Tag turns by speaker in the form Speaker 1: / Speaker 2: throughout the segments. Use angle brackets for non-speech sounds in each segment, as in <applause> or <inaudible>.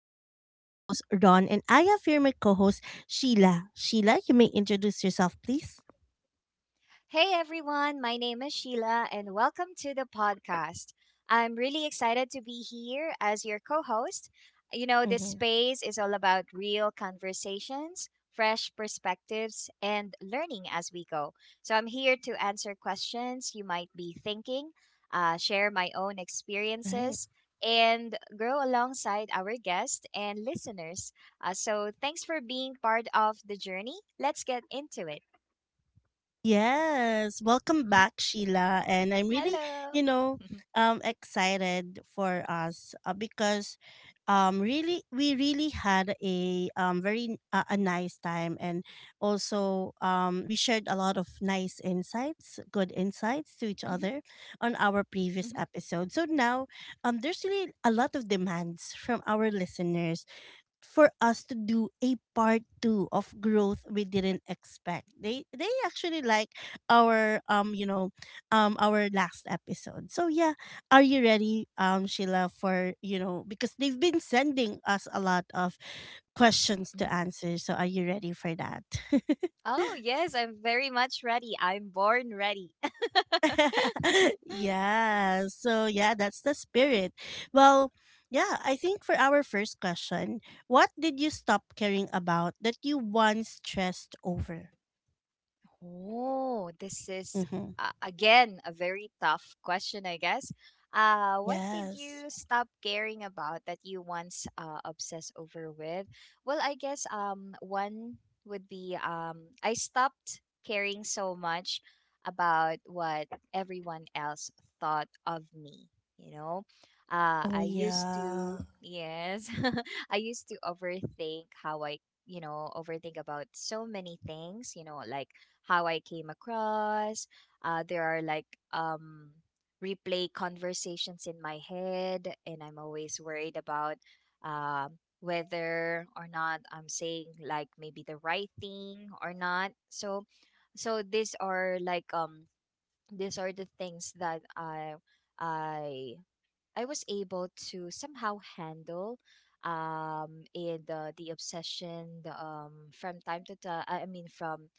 Speaker 1: This is your host, Ron, and I have here my co host, Sheila. Sheila, you may introduce yourself, please.
Speaker 2: Hey everyone, my name is Sheila and welcome to the podcast. I'm really excited to be here as your co host. You know, this
Speaker 1: Mm-hmm.
Speaker 2: space is all about real conversations, fresh perspectives, and learning as we go. So I'm here to answer questions you might be thinking, share my own
Speaker 1: Right.
Speaker 2: experiences, and grow alongside our guests and listeners. So thanks for being part of the journey. Let's get into it.
Speaker 1: Yes, welcome back, Sheila. And I'm really,
Speaker 2: Hello.
Speaker 1: you know,
Speaker 2: Mhm,
Speaker 1: excited for us because, we really had a very a nice time, and also we shared a lot of nice insights, good insights to each
Speaker 2: mhm,
Speaker 1: other on our
Speaker 2: mhm.
Speaker 1: previous episode. So now, there's really a lot of demands from our listeners for
Speaker 2: Mhm.
Speaker 1: us to do a part two of growth we didn't expect.
Speaker 2: Oh.
Speaker 1: They actually
Speaker 2: Mhm,
Speaker 1: like our our last episode. So yeah, are you ready, Sheila, for you know because they've been sending us a lot of questions to
Speaker 2: mhm.
Speaker 1: answer. So are you ready for that? <laughs>
Speaker 2: Oh, yes, I'm very much ready. I'm born ready. <laughs>
Speaker 1: <laughs> Yeah. So yeah, that's the spirit. Well, yeah, I think for our first question, what did you stop caring about that you once stressed over?
Speaker 2: Oh, this is
Speaker 1: Mm-hmm.
Speaker 2: again a very tough question, I guess. What did
Speaker 1: Yes.
Speaker 2: you stop caring about that you once obsessed over with? Well, I guess one would be I stopped caring so much about what everyone else thought of me, you know?
Speaker 1: Oh
Speaker 2: I used
Speaker 1: yeah.
Speaker 2: to, yes, <laughs> I used to overthink how I overthink about so many things, you know, like how I came across. There are like um, replay conversations in my head, and I'm always worried about whether or not I'm saying like maybe the right thing or not. So, these are like these are the things that I I was able to somehow handle in the obsession the, from time to time, I mean from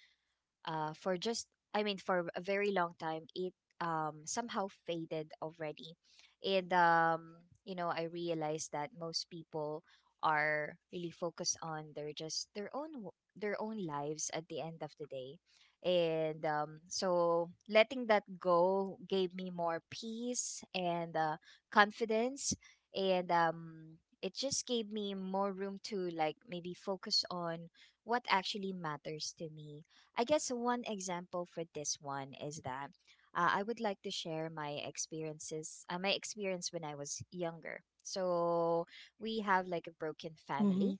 Speaker 2: for just, I mean for a very long time, it somehow faded already, and you know, I realized that most people are really focused on their, just their own their own lives at the end of the day, and so letting that go gave me more peace and confidence, and it just gave me more room to like maybe focus on what actually matters to me. I guess one example for this one is that I would like to share my experiences, my experience when I was younger. So we have like a broken
Speaker 1: Mm-hmm.
Speaker 2: family.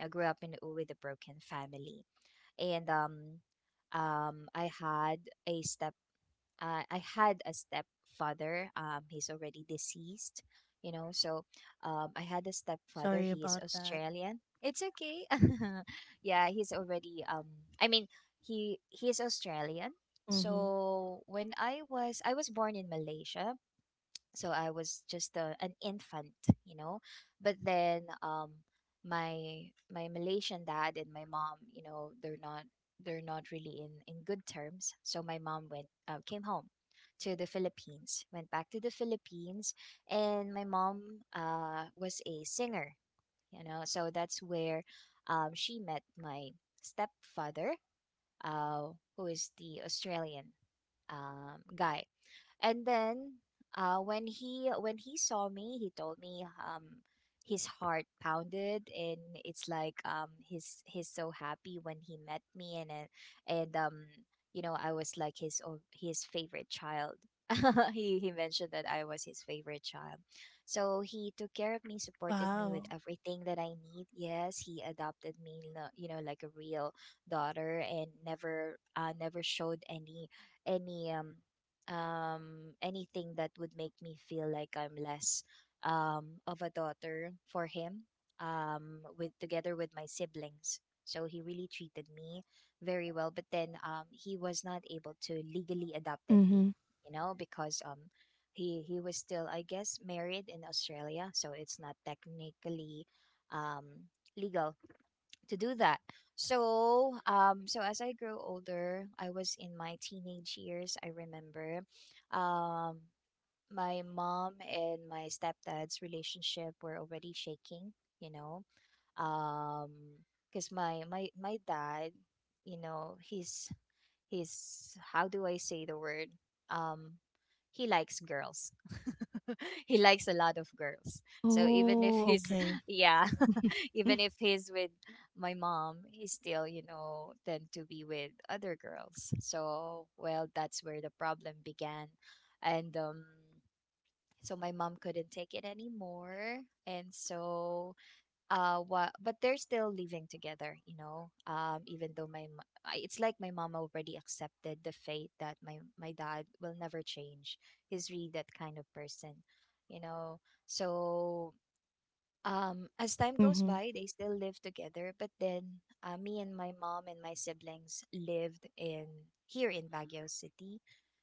Speaker 2: I grew up in U with a broken family, and I had a step I had a stepfather. He's already deceased, you know. So, I had a stepfather.
Speaker 1: Sorry
Speaker 2: He is
Speaker 1: about that.
Speaker 2: Australian. It's okay. <laughs> Yeah, he's already. I mean, he is Australian.
Speaker 1: Mm-hmm.
Speaker 2: So when I was born in Malaysia, so I was just a, an infant, you know. But then my Malaysian dad and my mom, you know, they're not, they're not really in good terms. So my mom went came home to the Philippines, went back to the Philippines, and my mom was a singer, you know. So that's where she met my stepfather, uh, who is the Australian guy. And then when he saw me, he told me, his heart pounded, and it's like, he's so happy when he met me, and and um, you know, I was like his favorite child. <laughs> He mentioned that I was his favorite child, so he took care of me, supported me with
Speaker 1: Wow.
Speaker 2: everything that I need. Yes, he adopted me, you know, like a real daughter, and never never showed any any um anything that would make me feel like I'm less of a daughter for him with together with my siblings. So he really treated me very well, but then he was not able to legally adopted
Speaker 1: Mm-hmm.
Speaker 2: me, you know, because he was still, I guess, married in Australia, so it's not technically legal to do that. So, as I grew older, I was in my teenage years. I remember, um, my mom and my stepdad's relationship were already shaking. You know, um, because my dad, you know, he's, how do I say the word? Um, he likes girls. <laughs> He likes a lot of girls. So even if
Speaker 1: Oh,
Speaker 2: he's
Speaker 1: okay.
Speaker 2: <laughs> yeah,
Speaker 1: <laughs>
Speaker 2: <laughs> even if he's with my mom, he still, you know, tend to be with other girls. So well, that's where the problem began. And so my mom couldn't take it anymore. And so but they're still living together, you know, even though it's like my mom already accepted the fate that my dad will never change. He's really that kind of person, you know. So as time goes
Speaker 1: Mhm,
Speaker 2: by, they still live together, but then me and my mom and my siblings lived in here in Baguio City.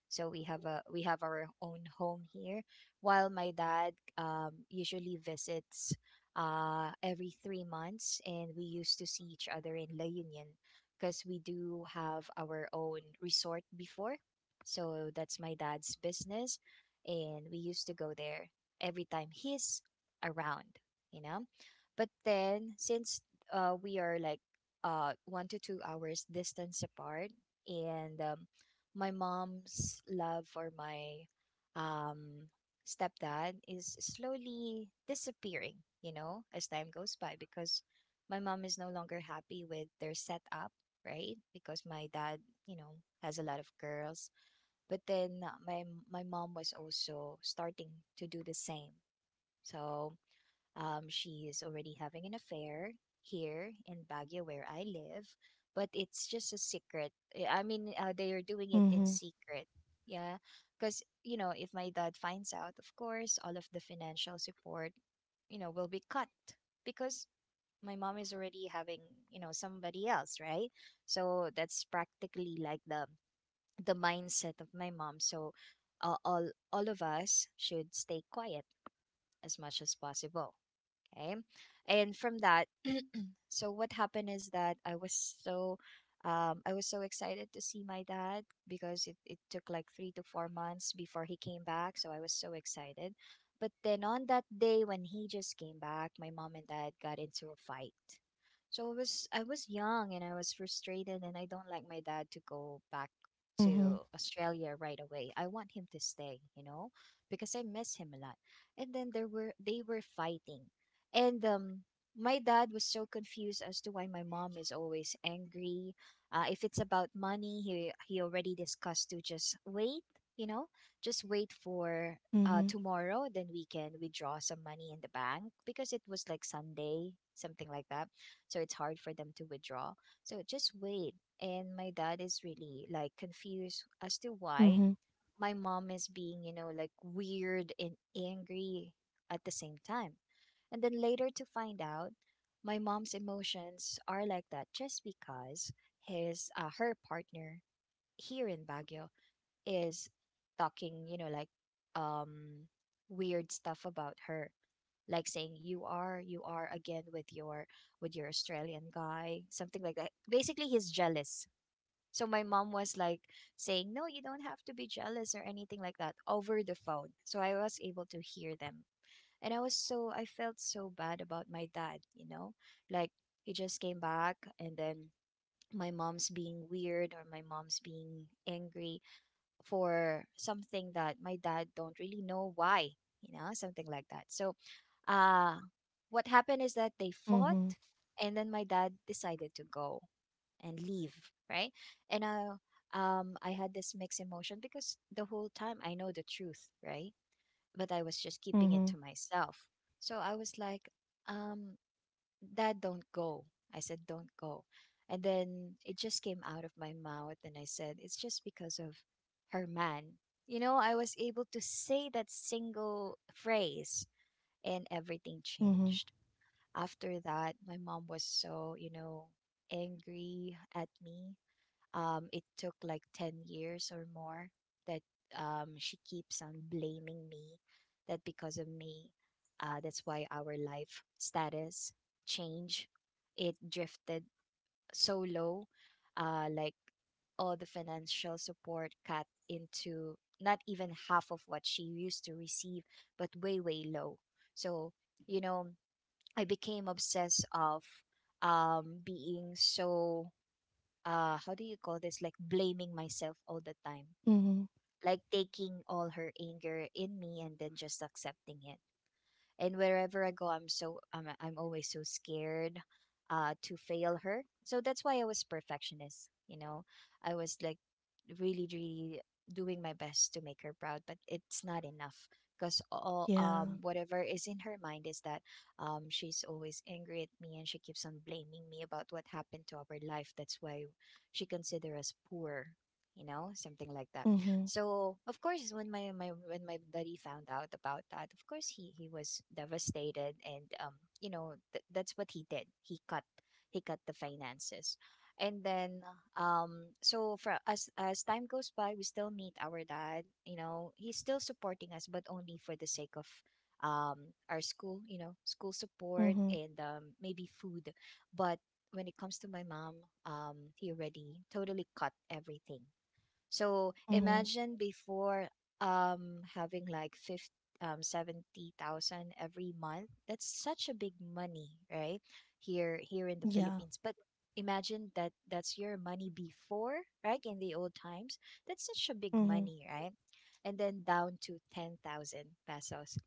Speaker 2: So we have a, we have our own home here, while my dad usually visits every 3 months, and we used to see each other in La Union because we do have our own resort before. So that's my dad's business, and we used to go there every time he's around, you know. But then since we are like 1 to 2 hours distance apart, and my mom's love for my um, stepdad is slowly disappearing, you know, as time goes by, because my mom is no longer happy with their setup, right? Because my dad, you know, has a lot of girls, but then my mom was also starting to do the same. So she is already having an affair here in Baguio, where I live, but it's just a secret. Eh, I mean, they are doing it in
Speaker 1: mhm,
Speaker 2: secret. Yeah, because, you know, if my dad finds out, of course, all of the financial support, you know, will be cut, because my mom is already having, you know, somebody else, right? So that's practically like the mindset of my mom. So all of us should stay quiet as much as possible. Okay. And from that, <clears throat> so what happened is that so I was so excited to see my dad because it took like 3 to 4 months before he came back. So I was so excited. But then on that day when he just came back, my mom and dad got into a fight. So I was young and I was frustrated and I don't like my dad to go back
Speaker 1: mhm,
Speaker 2: to Australia right away. I want him to stay, you know, because I miss him a lot. And then there were they were fighting, and my dad was so confused as to why my mom is always angry. If it's about money, he already discussed to just wait, you know, just wait for
Speaker 1: mhm,
Speaker 2: tomorrow. Then we can withdraw some money in the bank because it was like Sunday, something like that. So it's hard for them to withdraw. So just wait. And my dad is really like confused as to why
Speaker 1: mhm,
Speaker 2: my mom is being, you know, like weird and angry at the same time. And then later to find out, my mom's emotions are like that just because his her partner here in Baguio is talking, you know, like um weird stuff about her. Like saying, "You are, again with your, with your Australian guy," something like that. Basically he's jealous, so my mom was like saying, "No, you don't have to be jealous or anything like that" over the phone. So I was able to hear them. And I felt so bad about my dad, you know? Like he just came back and then my mom's being weird or my mom's being angry for something that my dad don't really know why, you know, something like that. So uh what happened is that they
Speaker 1: mhm,
Speaker 2: fought, and then my dad decided to go and leave, right? And I, I had this mixed emotion because the whole time I know the truth, right? But I was just keeping it to
Speaker 1: mhm,
Speaker 2: myself. So I was like, um, Dad, don't go. I said, don't go. And then it just came out of my mouth and I said, "It's just because of her man." You know, I was able to say that single phrase and everything
Speaker 1: mhm,
Speaker 2: changed. After that, my mom was so, you know, angry at me. It took like 10 years or more that, she keeps on blaming me that because of me, that's why our life status change, it drifted so low, like all the financial support cut into not even half of what she used to receive, but way way low. So, you know, I became obsessed of being so, how do you call this, like blaming myself all the time,
Speaker 1: mhm.
Speaker 2: like taking all her anger in me and then just accepting it. And wherever I go, I'm so, I'm always so scared to fail her. So that's why I was perfectionist, you know. I was like really doing my best to make her proud, but it's not enough because all
Speaker 1: Yeah.
Speaker 2: um whatever is in her mind is that she's always angry at me and she keeps on blaming me about what happened to our life. That's why she considers us poor, you know, something like that.
Speaker 1: Mhm,
Speaker 2: So of course, when my when my buddy found out about that, of course he was devastated, and that's what he did. He cut the finances, and then so for as time goes by, we still meet our dad. You know, he's still supporting us, but only for the sake of our school, you know, school support
Speaker 1: mhm,
Speaker 2: and maybe food. But when it comes to my mom, he already totally cut everything. So
Speaker 1: mhm.
Speaker 2: imagine before, having like 50, 70,000 every month. That's such a big money, right? Here in the
Speaker 1: Yeah.
Speaker 2: Philippines. But imagine that that's your money before, right? In the old times. That's such a big
Speaker 1: Mhm,
Speaker 2: money, right? And then down to 10,000 pesos.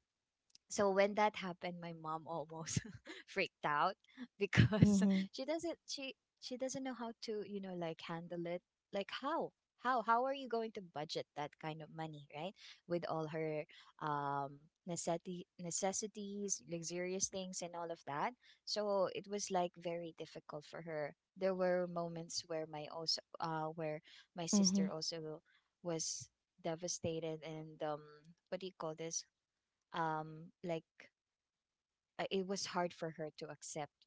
Speaker 2: So when that happened, my mom almost <laughs> freaked out because <laughs>
Speaker 1: mhm,
Speaker 2: she doesn't she she doesn't know how to, you know, like handle it. Like how how are you going to budget that kind of money, right, with all her um necessity necessities, luxurious things, and all of that. So it was like very difficult for her. There were moments where my sister
Speaker 1: mhm,
Speaker 2: also was devastated and what do you call this like it was hard for her to accept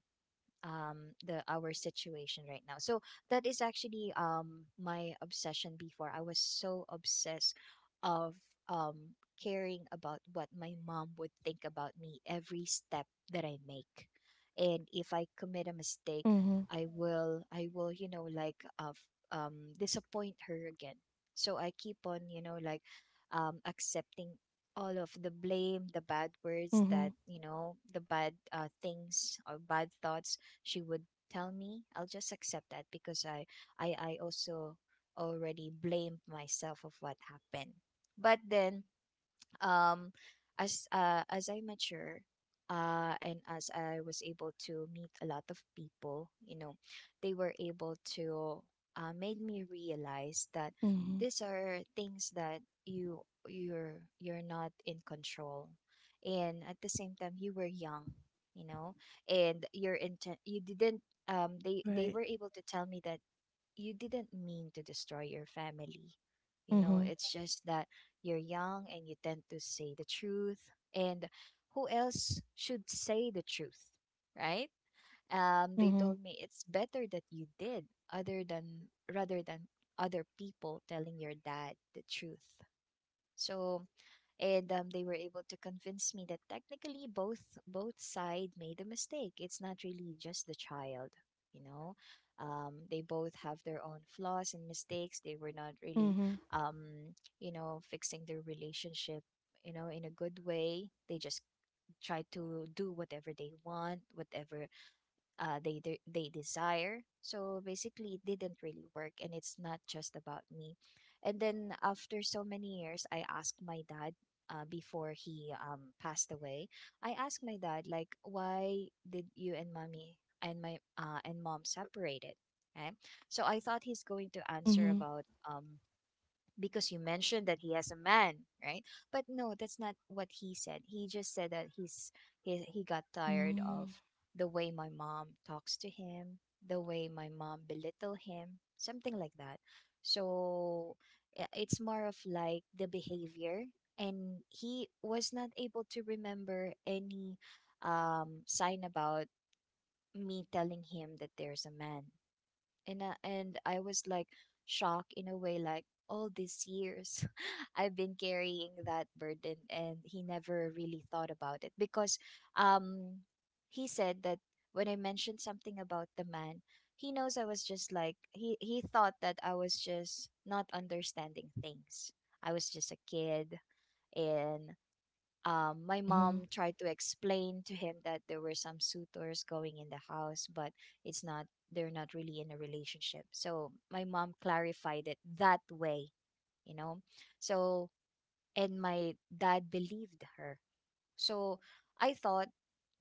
Speaker 2: the our situation right now. So that is actually my obsession before. I was so obsessed of um caring about what my mom would think about me every step that I make. And if I commit a mistake,
Speaker 1: mhm,
Speaker 2: I will, you know, like, disappoint her again. So I keep on, you know, like, accepting all of the blame, the bad words that,
Speaker 1: mhm,
Speaker 2: you know, the bad things or bad thoughts she would tell me. I'll just accept that because I also already blamed myself of what happened. But then, um as I mature, and as I was able to meet a lot of people, you know, they were able to made me realize that
Speaker 1: mhm.
Speaker 2: these are things that you're you're not in control. And at the same time, you were young, you know, and your intent, you didn't, they
Speaker 1: Right.
Speaker 2: were able to tell me that you didn't mean to destroy your family. You know,
Speaker 1: Mhm.
Speaker 2: it's just that you're young and you tend to say the truth. And who else should say the truth, right? They
Speaker 1: Mhm.
Speaker 2: told me it's better that you did, other than rather than other people telling your dad the truth. So, and they were able to convince me that technically both side made a mistake. It's not really just the child, you know. They both have their own flaws and mistakes. They were not really,
Speaker 1: Mhm.
Speaker 2: you know, fixing their relationship, you know, in a good way. They just try to do whatever they want, whatever they desire. So basically, it didn't really work, and it's not just about me. And then after so many years, I asked my dad. Before he, passed away, I asked my dad like, "Why did you and mommy and my and mom separated?" Okay, so I thought he's going to answer
Speaker 1: Mhm.
Speaker 2: about, because you mentioned that he has a man, right? But no, that's not what he said. He just said that he got tired of
Speaker 1: Mm.
Speaker 2: the way my mom talks to him, the way my mom belittle him, something like that. So I- it's more of like the behavior, and he was not able to remember any sign about me telling him that there's a man. And I was like shocked in a way, like all these years <laughs> I've been carrying that burden and he never really thought about it because um he said that when I mentioned something about the man, he knows I was just like, he thought that I was just not understanding things. I was just a kid. And my
Speaker 1: Mhm.
Speaker 2: mom tried to explain to him that there were some suitors going in the house, but it's not, they're not really in a relationship. So my mom clarified it that way, you know? So, and my dad believed her. So I thought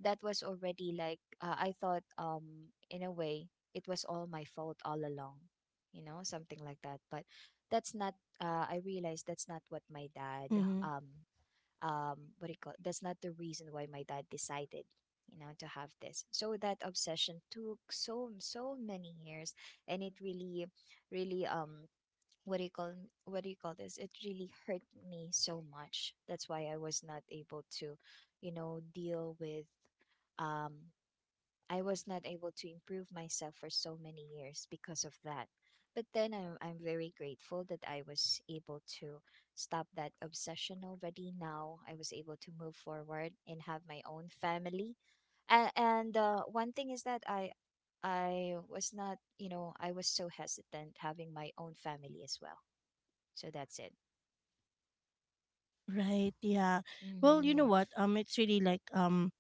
Speaker 2: that was already like, I thought, in a way, it was all my fault all along, you know, something like that. But that's not, I realized that's not what my dad
Speaker 1: Mhm.
Speaker 2: what do you call it? That's not the reason why my dad decided, you know, to have this. So that obsession took so many years, and it really really what do you call what do you call this it really hurt me so much. That's why I was not able to, you know, deal with, um I was not able to improve myself for so many years because of that. But then I'm very grateful that I was able to stop that obsession already. Now I was able to move forward and have my own family. And one thing is that I was not, you know, I was so hesitant having my own family as well. So that's it.
Speaker 1: Right. Yeah. Well, you know
Speaker 2: Mm-hmm.
Speaker 1: what? It's really like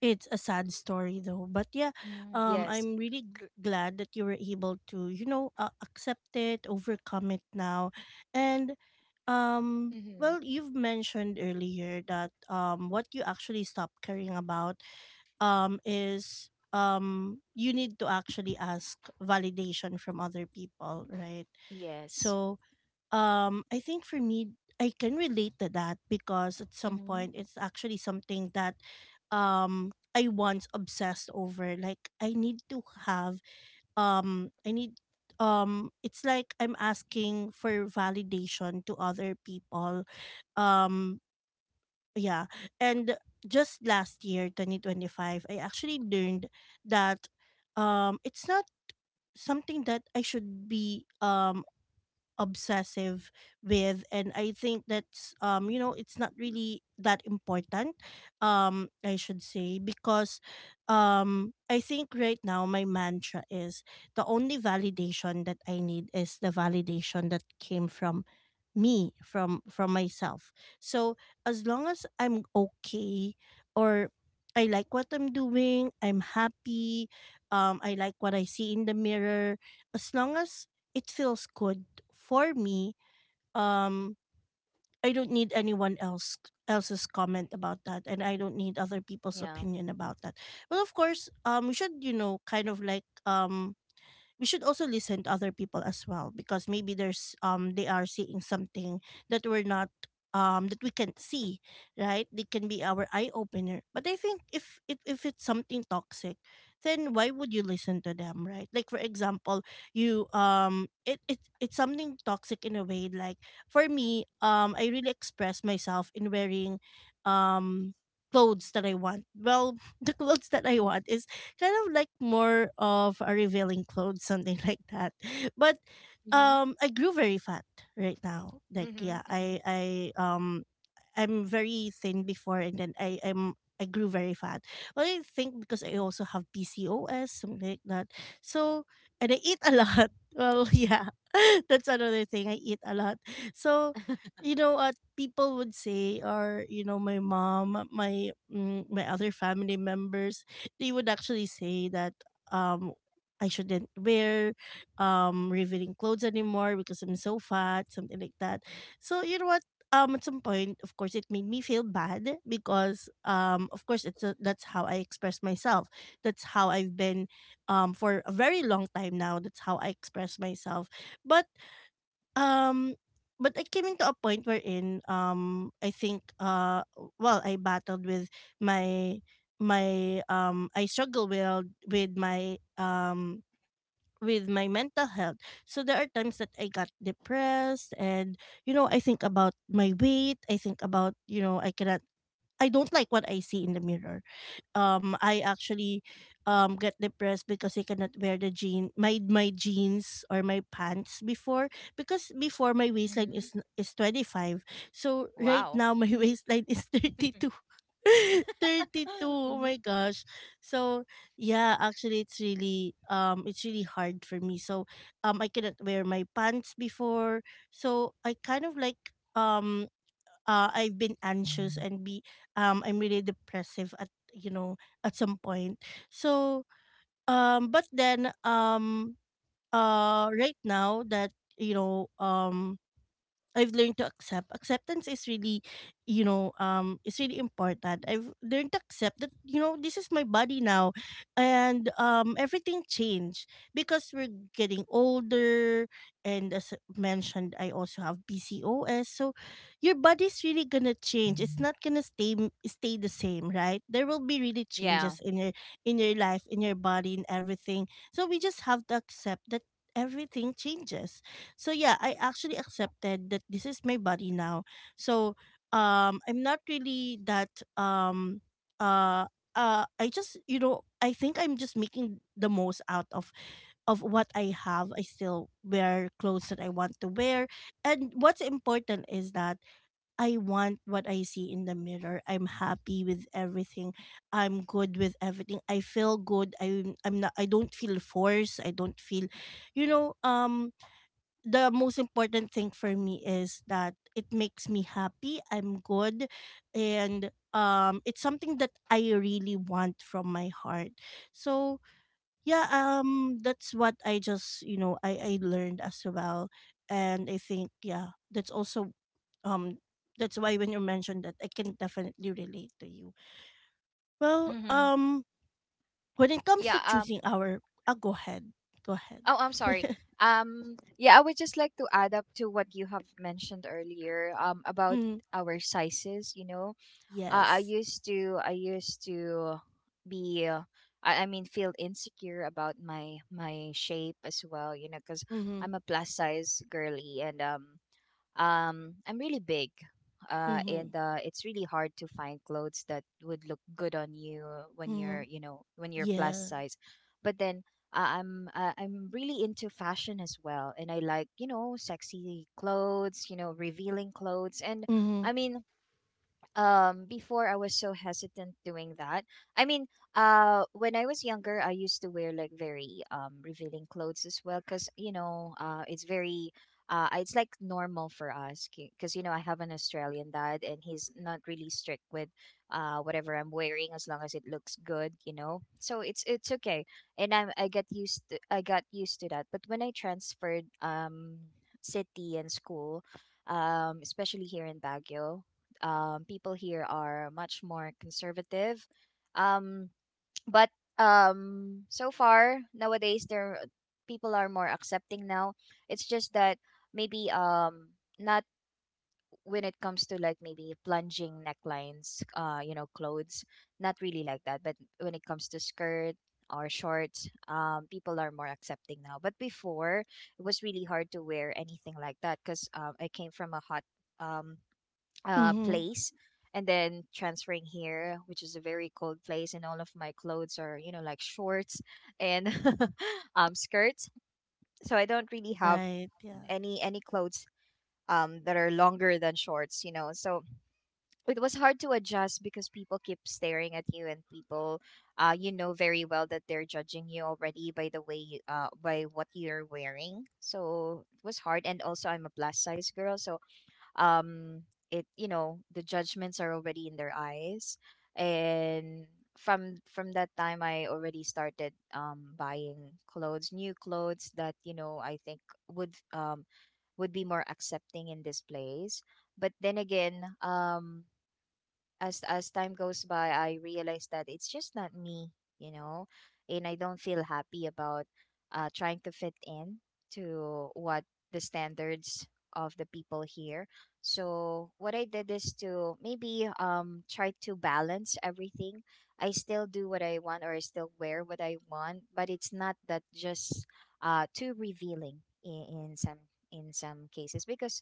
Speaker 1: it's a sad story though. But yeah,
Speaker 2: Hmm. Yes.
Speaker 1: I'm really glad that you were able to, you know, accept it, overcome it now, and
Speaker 2: Mm-hmm.
Speaker 1: well, you've mentioned earlier that what you actually stopped caring about is you need to actually ask validation from other people, right?
Speaker 2: Yes.
Speaker 1: So, I think for me, I can relate to that because at some
Speaker 2: Mm-hmm.
Speaker 1: point it's actually something that I once obsessed over. Like I need to have I need it's like I'm asking for validation to other people um yeah. And just last year, 2025, I actually learned that it's not something that I should be obsessive with, and I think that's you know, it's not really that important. I should say, because I think right now my mantra is the only validation that I need is the validation that came from me, from myself. So as long as I'm okay, or I like what I'm doing, I'm happy, I like what I see in the mirror, as long as it feels good for me, um, I don't need anyone else's comment about that, and I don't need other people's
Speaker 2: Yeah.
Speaker 1: opinion about that. But of course, we should, you know, kind of like we should also listen to other people as well, because maybe there's they are seeing something that we're not, that we can't see, right? They can be our eye opener, but I think if it, if it's something toxic, then why would you listen to them, right? Like, for example, you it's something toxic in a way. Like, for me, I really express myself in wearing um clothes that I want. Well, <laughs> the clothes that I want is kind of like more of a revealing clothes, something <laughs> like that. But
Speaker 2: Mm-hmm.
Speaker 1: I grew very fat right now. Like,
Speaker 2: Mm-hmm.
Speaker 1: yeah,
Speaker 2: Mm-hmm.
Speaker 1: I'm very thin before, and then I grew very fat. But I think because I also have PCOS, something like that. So and I eat a lot. <laughs> Well, yeah, <laughs> that's another thing. I eat a lot. So you know what people would say, or you know, my mom, my other family members, they would actually say that um I shouldn't wear revealing clothes anymore because I'm so fat, something like that. So you know what? At some point of course it made me feel bad because of course it's a, that's how I express myself, that's how I've been for a very long time. Now that's how I express myself. But um I came into a point wherein I think well, I battled with my my I struggle with with my mental health. So there are times that I got depressed, and you know, I think about my weight, I think about, you know, I cannot, I don't like what I see in the mirror. I actually get depressed because I cannot wear the jean my my jeans or my pants before, because before my waistline is
Speaker 2: <laughs>
Speaker 1: is 25. So right
Speaker 2: Wow.
Speaker 1: now my <laughs>
Speaker 2: Hmm.
Speaker 1: waistline is 32. <laughs> 32, oh
Speaker 2: Hmm.
Speaker 1: my
Speaker 2: <laughs>
Speaker 1: gosh. So yeah, actually it's really hard for me. So I couldn't wear my pants before, so I kind of like um I've been anxious and be I'm really depressive at, you know, at some point. So but then right now that, you know, I've learned to accept. Acceptance is really, you know, it's really important. I've learned to accept that, you know, this is my body now, and everything changed because we're getting older, and as mentioned, I also have PCOS. So your body's really gonna change. It's not gonna stay the same, right? There will be really
Speaker 2: Yeah.
Speaker 1: changes in your life, in your body, in everything. So we just have to accept that everything changes. So yeah, I actually accepted that this is my body now. So I'm not really that um uh I just, you know, I think I'm just making the most out of what I have. I still wear clothes that I want to wear. And what's important is that I want what I see in the mirror. I'm happy with everything. I'm good with everything. I feel good. I don't feel forced. I don't feel, you know, the most important thing for me is that it makes me happy, I'm good, and it's something that I really want from my heart. So yeah, that's what I just, you know, I learned as well. And I think, yeah, that's also um that's why when you mentioned that, I can definitely relate to you. Well,
Speaker 2: Hmm.
Speaker 1: when it comes to
Speaker 2: Yeah.
Speaker 1: choosing our go ahead. Go ahead.
Speaker 2: Oh, I'm sorry.
Speaker 1: <laughs>
Speaker 2: Yeah, I would just like to add up to what you have mentioned earlier. About
Speaker 1: Mm,
Speaker 2: our sizes. You know.
Speaker 1: yes.
Speaker 2: I used to be. I mean, feel insecure about my shape as well, you know, because
Speaker 1: Mm-hmm.
Speaker 2: I'm a plus size girly, and I'm really big,
Speaker 1: Mm-hmm.
Speaker 2: and it's really hard to find clothes that would look good on you when you're,
Speaker 1: Mm,
Speaker 2: you know, when you're plus
Speaker 1: yeah.
Speaker 2: size. But then I'm really into fashion as well, and I like, you know, sexy clothes, you know, revealing clothes. And
Speaker 1: Mm-hmm.
Speaker 2: I mean, before I was so hesitant doing that. I mean, when I was younger, I used to wear like very revealing clothes as well, cuz you know, it's very it's like normal for us, cuz you know, I have an Australian dad and he's not really strict with whatever I'm wearing as long as it looks good, you know. So it's okay. And I got used to, I got used to that. But when I transferred city and school, especially here in Baguio. People here are much more conservative. Um, but so far nowadays, there people are more accepting now. It's just that maybe not when it comes to like maybe plunging necklines, you know, clothes, not really like that. But when it comes to skirt or shorts, people are more accepting now. But before, it was really hard to wear anything like that because I came from a hot um
Speaker 1: Mm-hmm.
Speaker 2: place, and then transferring here, which is a very cold place, and all of my clothes are, you know, like shorts and <laughs> skirts. So I don't really have
Speaker 1: Right. Yeah.
Speaker 2: any clothes that are longer than shorts, you know. So it was hard to adjust because people keep staring at you, and people you know very well that they're judging you already by the way you, by what you're wearing. So it was hard, and also I'm a plus size girl, so um it, you know, the judgments are already in their eyes. And from that time I already started buying clothes, new clothes that, you know, I think would, would be more accepting in this place. But then again, as time goes by, I realize that it's just not me, you know. And I don't feel happy about trying to fit in to what the standards of the people here. So what I did is to maybe try to balance everything. I still do what I want, or I still wear what I want, but it's not that just too revealing in some cases. Because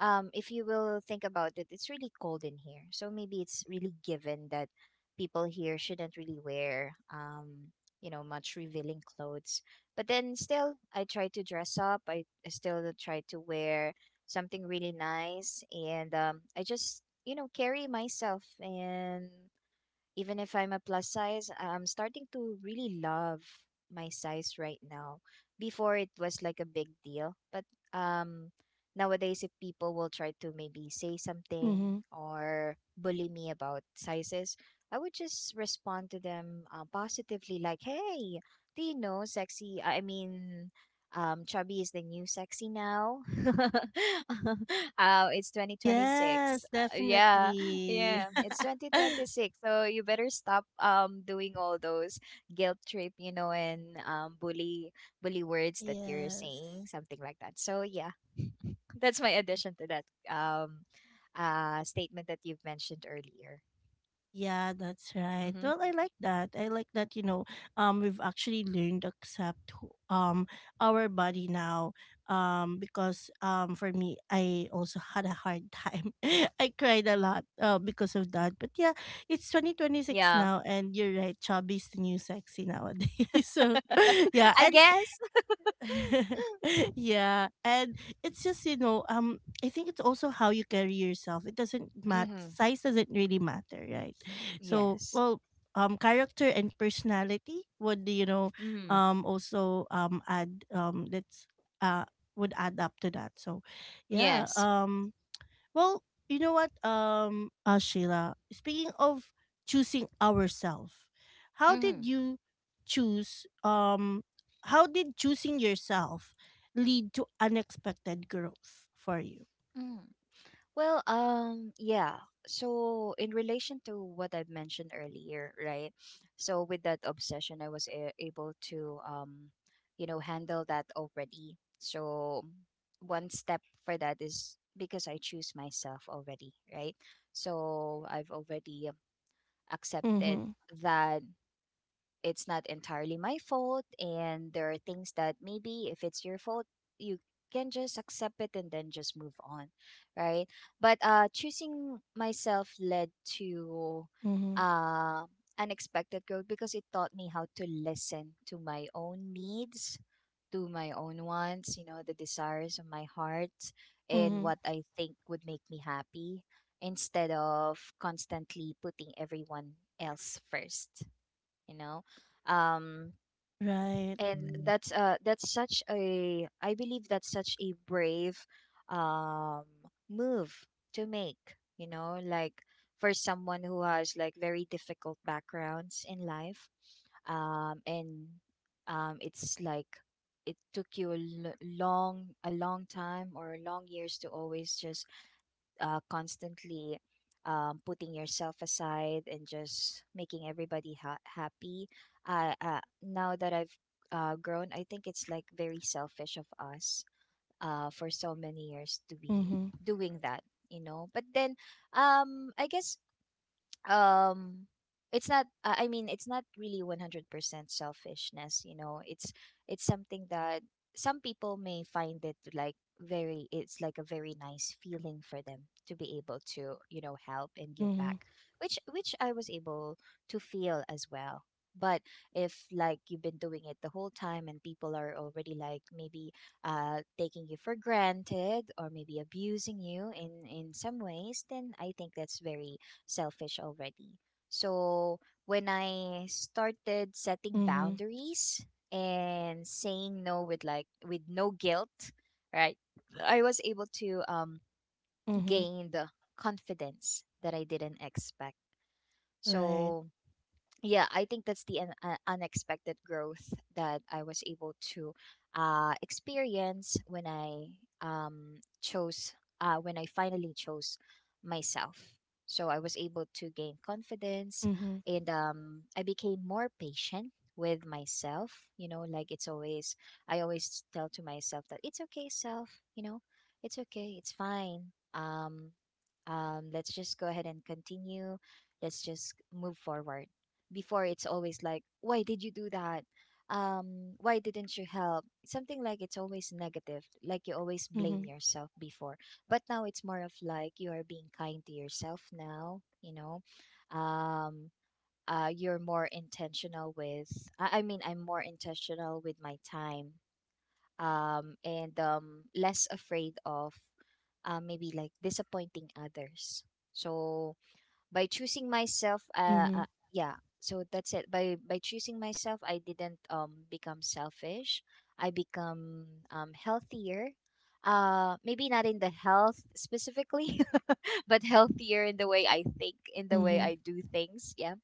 Speaker 2: if you will think about it, it's really cold in here. So maybe it's really given that people here shouldn't really wear, you know, much revealing clothes. But then still, I try to dress up. I still try to wear something really nice. And I just, you know, carry myself. And even if I'm a plus size, I'm starting to really love my size right now. Before it was like a big deal, but um nowadays if people will try to maybe say something
Speaker 1: Mm-hmm.
Speaker 2: or bully me about sizes, I would just respond to them positively like, "Hey, do you know sexy? Chubby is the new sexy now." <laughs> It's 2026.
Speaker 1: Yes,
Speaker 2: Yeah.
Speaker 1: definitely.
Speaker 2: Yeah, it's
Speaker 1: <laughs>
Speaker 2: 2026. So you better stop doing all those guilt trip, and um, bully words that you're
Speaker 1: Yes.
Speaker 2: saying, something like that. So yeah, <laughs> that's my addition to that um statement that you've mentioned earlier.
Speaker 1: Yeah, that's right.
Speaker 2: Mhm.
Speaker 1: Well, I like that. I like that, you know, we've actually learned to accept our body now. Because for me I also had a hard time. <laughs> I cried a lot because of that. But yeah, it's 2026
Speaker 2: Yeah.
Speaker 1: now, and you're right, chubby's the new sexy nowadays. <laughs> So <laughs> yeah,
Speaker 2: I
Speaker 1: and
Speaker 2: guess.
Speaker 1: <laughs> yeah, and it's just, you know, I think it's also how you carry yourself. It doesn't
Speaker 2: <laughs>
Speaker 1: matter,
Speaker 2: Mhm.
Speaker 1: size doesn't really matter, right? So,
Speaker 2: Yes.
Speaker 1: well, character and personality would, you know,
Speaker 2: Mhm.
Speaker 1: also add that's uh would add up to that. So yeah,
Speaker 2: Yes.
Speaker 1: well, you know what, Sheila. Speaking of choosing ourselves, how did
Speaker 2: Mhm.
Speaker 1: you choose? How did choosing yourself lead to unexpected growth for you?
Speaker 2: Mm. Well, yeah. So in relation to what I mentioned earlier, right? So with that obsession, able to, handle that already. So one step for that is because I choose myself already, right? So I've already accepted
Speaker 1: Mm-hmm.
Speaker 2: that it's not entirely my fault, and there are things that maybe if it's your fault, you can just accept it and then just move on, right? But choosing myself led to
Speaker 1: Mm-hmm.
Speaker 2: uh unexpected growth because it taught me how to listen to my own needs, to my own wants, you know, the desires of my heart, and
Speaker 1: Mm-hmm.
Speaker 2: what I think would make me happy, instead of constantly putting everyone else first, you know um
Speaker 1: Right.
Speaker 2: and
Speaker 1: Mm.
Speaker 2: that's such a, I believe that's such a brave um move to make, you know, like for someone who has like very difficult backgrounds in life, and it's like it took you a l- long a long time or long years to always just constantly, putting yourself aside and just making happy. Now that I've grown, I think it's like very selfish of us for so many years to be
Speaker 1: Mm-hmm.
Speaker 2: doing that, you know. But then, I guess um it's not it's not really 100% selfishness, you know. It's something that some people may find it like very, it's like a very nice feeling for them to be able to, you know, help and give
Speaker 1: Mhm.
Speaker 2: back, which I was able to feel as well. But if like you've been doing it the whole time and people are already like maybe taking you for granted or maybe abusing you in some ways, then I think that's very selfish already. So when I started setting
Speaker 1: Mhm.
Speaker 2: boundaries and saying no with like with no guilt, right? I was able to
Speaker 1: Mhm.
Speaker 2: gain the confidence that I didn't expect.
Speaker 1: Right.
Speaker 2: So yeah, I think that's unexpected growth that I was able to experience when I chose, when I finally chose myself. So I was able to gain confidence,
Speaker 1: Mhm.
Speaker 2: and I became more patient with myself. You know, like it's always, I always tell to myself that it's okay, self, you know, it's okay, it's fine. Um, let's just go ahead and continue, let's just move forward. Before it's always like, why did you do that, why didn't you help, something like, it's always negative, like you always blame
Speaker 1: Mhm.
Speaker 2: yourself before. But now it's more of like you are being kind to yourself now, you know. um you're more intentional with, I'm more intentional with my time, and less afraid of maybe like disappointing others. So by choosing myself,
Speaker 1: Mhm.
Speaker 2: yeah. So that's it, by choosing myself I didn't become selfish, I become healthier. Maybe not in the health specifically, <laughs> but healthier in the way I think, in the way
Speaker 1: Mhm.
Speaker 2: I do things. Yeah.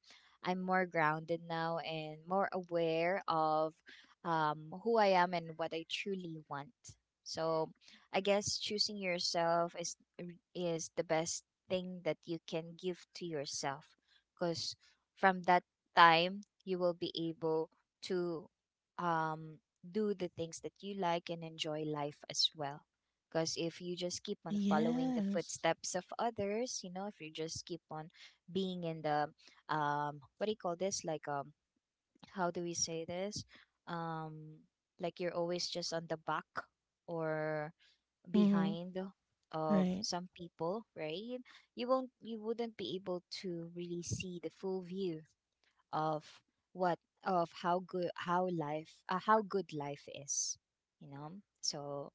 Speaker 2: I'm more grounded now and more aware of who I am and what I truly want. So I guess choosing yourself is the best thing that you can give to yourself, because from that time you will be able to do the things that you like and enjoy life as well. Because if you just keep on following the
Speaker 1: Yes.
Speaker 2: footsteps of others, you know, if you just keep on being in the, what do you call this? Like, how do we say this? Um, like you're always just on the back, or
Speaker 1: Mhm.
Speaker 2: behind of
Speaker 1: Right.
Speaker 2: some people, right? You wouldn't be able to really see the full view of what of how good, how good life is, you know. So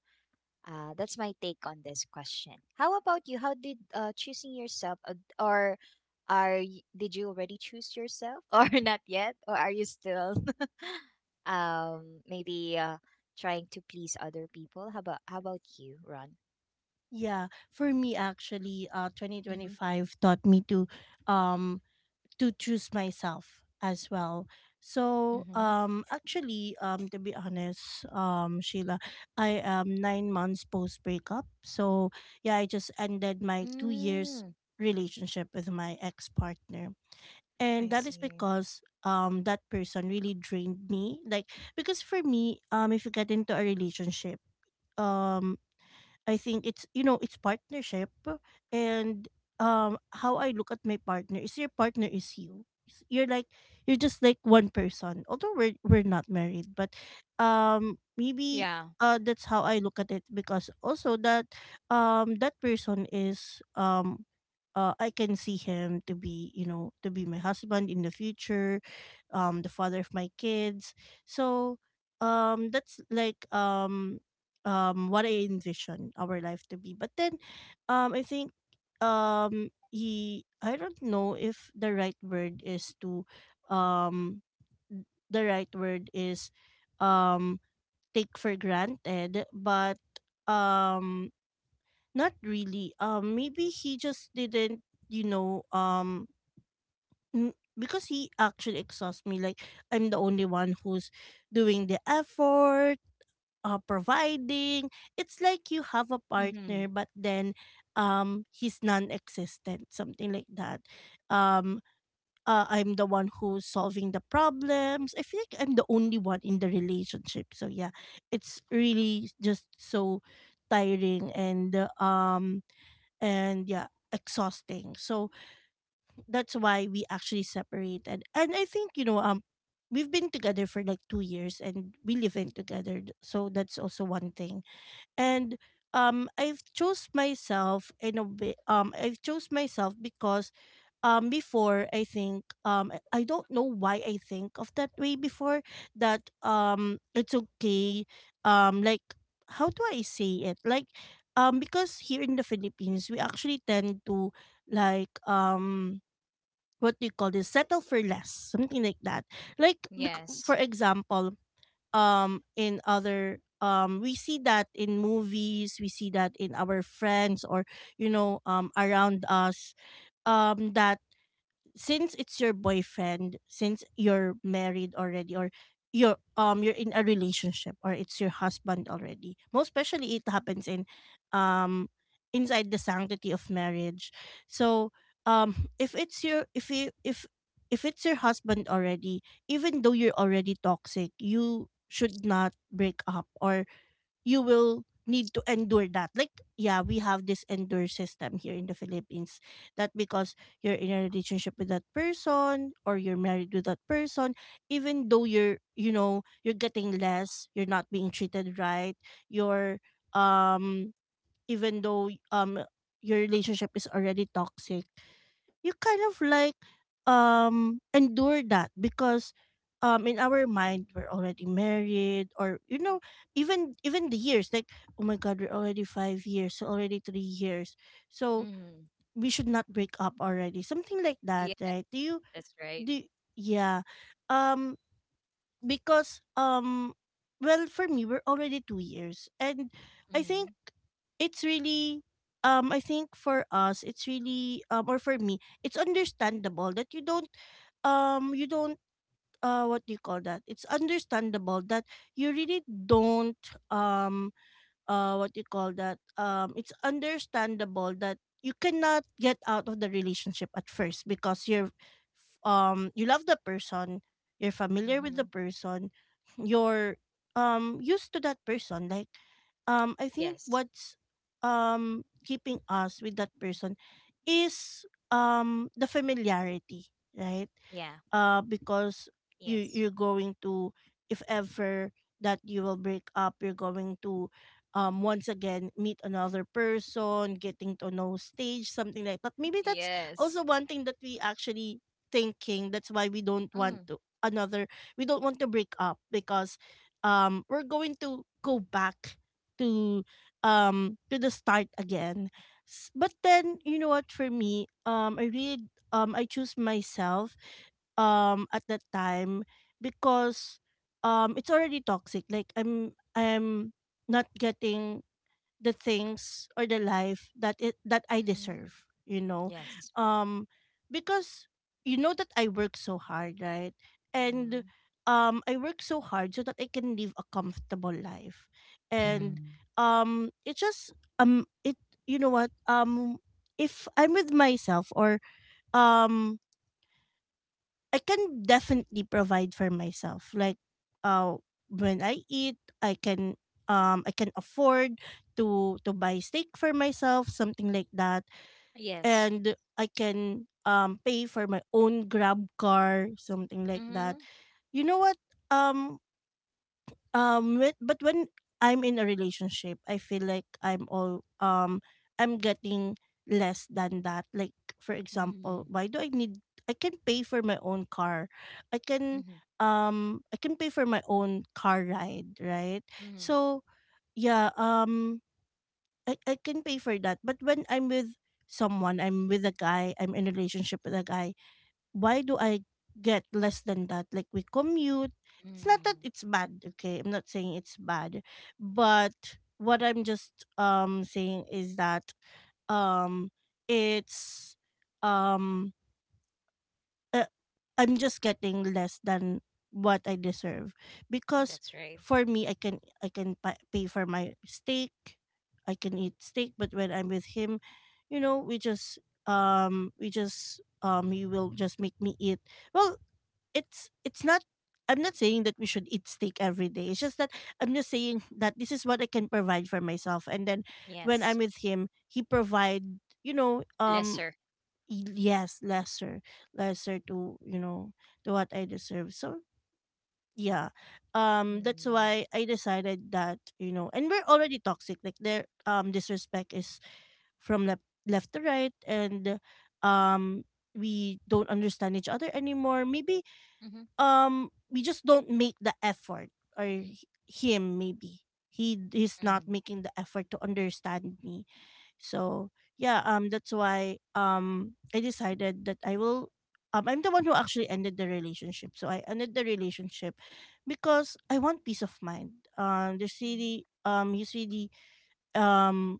Speaker 2: that's my take on this question. How about you? How did choosing yourself, or did you already choose yourself, <laughs> or not yet, or are you still <laughs> maybe trying to please other people? How about you, Ron?
Speaker 1: Yeah. For me actually,
Speaker 2: Mm-hmm.
Speaker 1: 2025 taught me um to choose myself as well. So
Speaker 2: Mm-hmm.
Speaker 1: actually to be honest, Sheila, I am 9 months post breakup. So yeah, I just ended my 2 years
Speaker 2: Mm,
Speaker 1: relationship with my ex partner.
Speaker 2: I
Speaker 1: And that is
Speaker 2: see.
Speaker 1: because that person really drained me. Like, because for me, if you get into a relationship, um I think it's, you know, it's partnership, and how I look at my partner is your partner is you. You're like you're just like one person. Although we're not married, but maybe
Speaker 2: Yeah.
Speaker 1: that's how I look at it, because also that that person is I can see him to be, you know, to be my husband in the future, the father of my kids. So, that's like what I envision our life to be. But then I think he, I don't know if the right word is to um the right word is um take for granted, but um not really, maybe he just didn't, you know, because he actually exhausts me. Like, I'm the only one who's doing the effort, providing. It's like you have a
Speaker 2: Mm-hmm.
Speaker 1: partner, but then he's non-existent, something like that. Um, I'm the one who's solving the problems. I feel like I'm the only one in the relationship. So yeah, it's really just so tiring and yeah exhausting, so that's why we actually separated. And I think we've been together for like 2 years and we live in together, so that's also one thing. And I've chose myself in a bit. I've chose myself because before, I think I don't know why I think of that way before, that it's okay. Um like how do I say it? Like, because here in the Philippines, we actually tend to, like, what do you call this, settle for less, something like that. Like,
Speaker 2: Yes.
Speaker 1: for example, in other we see that in movies, we see that in our friends, or around us, that since it's your boyfriend, since you're married already, or you're in a relationship, or it's your husband already. Most especially it happens in um inside the sanctity of marriage. So if it's your, if you, if it's your husband already, even though you're already toxic, you should not break up, or you will need to endure that. Like, yeah, we have this endure system here in the Philippines, that because you're in a relationship with that person or you're married with that person, even though you're, you know, you're getting less, you're not being treated right, you're, um, even though, your relationship is already toxic, you kind of like endure that because in our mind we're already married, or you know, even even the years like, oh my god, we're already 5 years, so already 3 years, so
Speaker 2: Mm-hmm.
Speaker 1: we should not break up already, something like that,
Speaker 2: Yes.
Speaker 1: right? Do you
Speaker 2: That's right.
Speaker 1: do, yeah, um because well, for me, we're already 2 years and I think
Speaker 2: Mm-hmm.
Speaker 1: it's really I think for us it's really, or for me, it's understandable that you don't what do you call that, it's understandable that you really don't what you call that, it's understandable that you cannot get out of the relationship at first because you're you love the person, you're familiar with
Speaker 2: Mm-hmm.
Speaker 1: the person, you're used to that person. Like, I think
Speaker 2: Yes.
Speaker 1: what's keeping us with that person is the familiarity, right?
Speaker 2: Yeah.
Speaker 1: Because you,
Speaker 2: Yes.
Speaker 1: you're going to, if ever that you will break up, you're going to once again meet another person, getting to know stage, something like that. Maybe that's
Speaker 2: Yes.
Speaker 1: also one thing that we actually thinking, that's why we don't want to, another, we don't want to break up because we're going to go back to to the start again. But then, you know what, for me, I really I choose myself at that time because it's already toxic. Like, I'm not getting the things or the life that it that I
Speaker 2: Mm-hmm.
Speaker 1: deserve, you know.
Speaker 2: Yes.
Speaker 1: um because you know that I work so hard, right? And
Speaker 2: Mhm.
Speaker 1: I work so hard so that I can live a comfortable life.
Speaker 2: Mhm.
Speaker 1: And Mm. um it's just, it you know what, if I'm with myself, or um I can definitely provide for myself. Like, uh when I eat, I can afford to buy steak for myself, something like that.
Speaker 2: Yes.
Speaker 1: And I can pay for my own grab car, something like that.
Speaker 2: Mhm.
Speaker 1: You know what? Um but when I'm in a relationship, I feel like I'm all I'm getting less than that. Like, for
Speaker 2: Mhm.
Speaker 1: example, why do I need, I can pay for my own car, I can
Speaker 2: Mhm.
Speaker 1: I can pay for my own car ride, right?
Speaker 2: Mhm.
Speaker 1: So yeah, I can pay for that, but when I'm with someone, I'm with a guy, I'm in a relationship with a guy, why do I get less than that? Like, we commute. It's not that
Speaker 2: Mhm.
Speaker 1: it's bad, okay? I'm not saying it's bad. But what I'm just saying is that um it's um uh, I'm just getting less than what I deserve, because
Speaker 2: That's right.
Speaker 1: for me, I can, pay for my steak, I can eat steak. But when I'm with him, you know, we just he will just make me eat. Well, it's not, I'm not saying that we should eat steak every day, it's just that I'm just saying that this is what I can provide for myself. And then when
Speaker 2: Yes.
Speaker 1: I'm with him, he provide, you know,
Speaker 2: Lesser.
Speaker 1: y- yes, lesser, lesser to, you know, to what I deserve. So yeah, that's
Speaker 2: Mhm.
Speaker 1: why I decided that, you know, and we're already toxic. Like, their disrespect is from left left to right. And um we don't understand each other anymore. Maybe
Speaker 2: Mhm.
Speaker 1: we just don't make the effort, or him, maybe he's not
Speaker 2: Mhm.
Speaker 1: making the effort to understand me. So yeah, that's why I decided that I will I'm the one who actually ended the relationship. So I ended the relationship because I want peace of mind. There's
Speaker 2: Mhm.
Speaker 1: really he's really um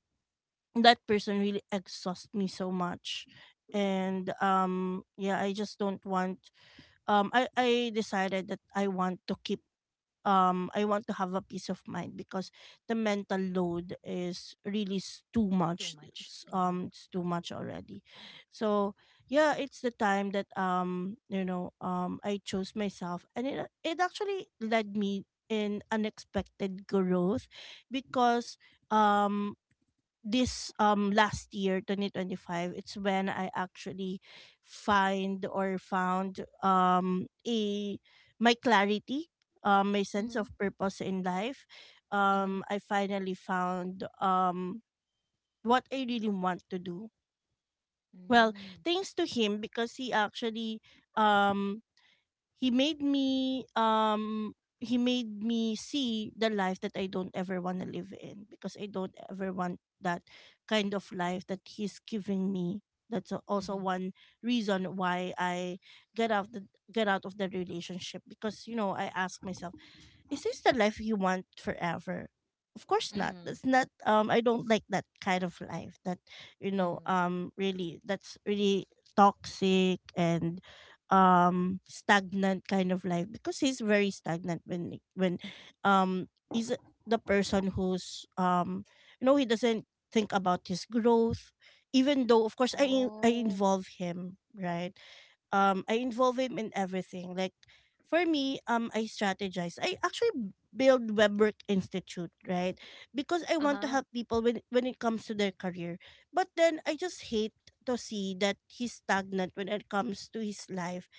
Speaker 1: that person really exhausts me so much. And yeah, I just don't want I decided that I want to keep I want to have a peace of mind because the mental load is really too
Speaker 2: Too
Speaker 1: much,
Speaker 2: much. Mhm.
Speaker 1: it's too much already. So yeah, it's the time that you know, I chose myself, and it actually led me in unexpected growth because um this last year 2025, it's when I actually find or found a my clarity, my sense
Speaker 2: Mhm.
Speaker 1: of purpose in life.
Speaker 2: Mhm.
Speaker 1: I finally found what I really want to do. Well,
Speaker 2: Mhm.
Speaker 1: thanks to him, because he actually um he made me um he made me see the life that I don't ever want to live in, because I don't ever want that kind of life that he's giving me. That's also
Speaker 2: Mhm.
Speaker 1: one reason why I get out the get out of the relationship. Because, you know, I ask myself, is this the life you want forever? Of course not.
Speaker 2: Mhm.
Speaker 1: That's not, I don't like that kind of life that, you know,
Speaker 2: Mhm.
Speaker 1: really, that's really toxic and stagnant kind of life, because he's very stagnant when he's the person who's you know, he doesn't think about his growth, even though, of course, I
Speaker 2: Oh.
Speaker 1: involve him, right? I involve him in everything. Like, for me, I strategize. I actually build Webwork Institute, right? Because I
Speaker 2: Uh
Speaker 1: want to
Speaker 2: huh.
Speaker 1: help people when it comes to their career. But then I just hate to see that he's stagnant when it comes to his life,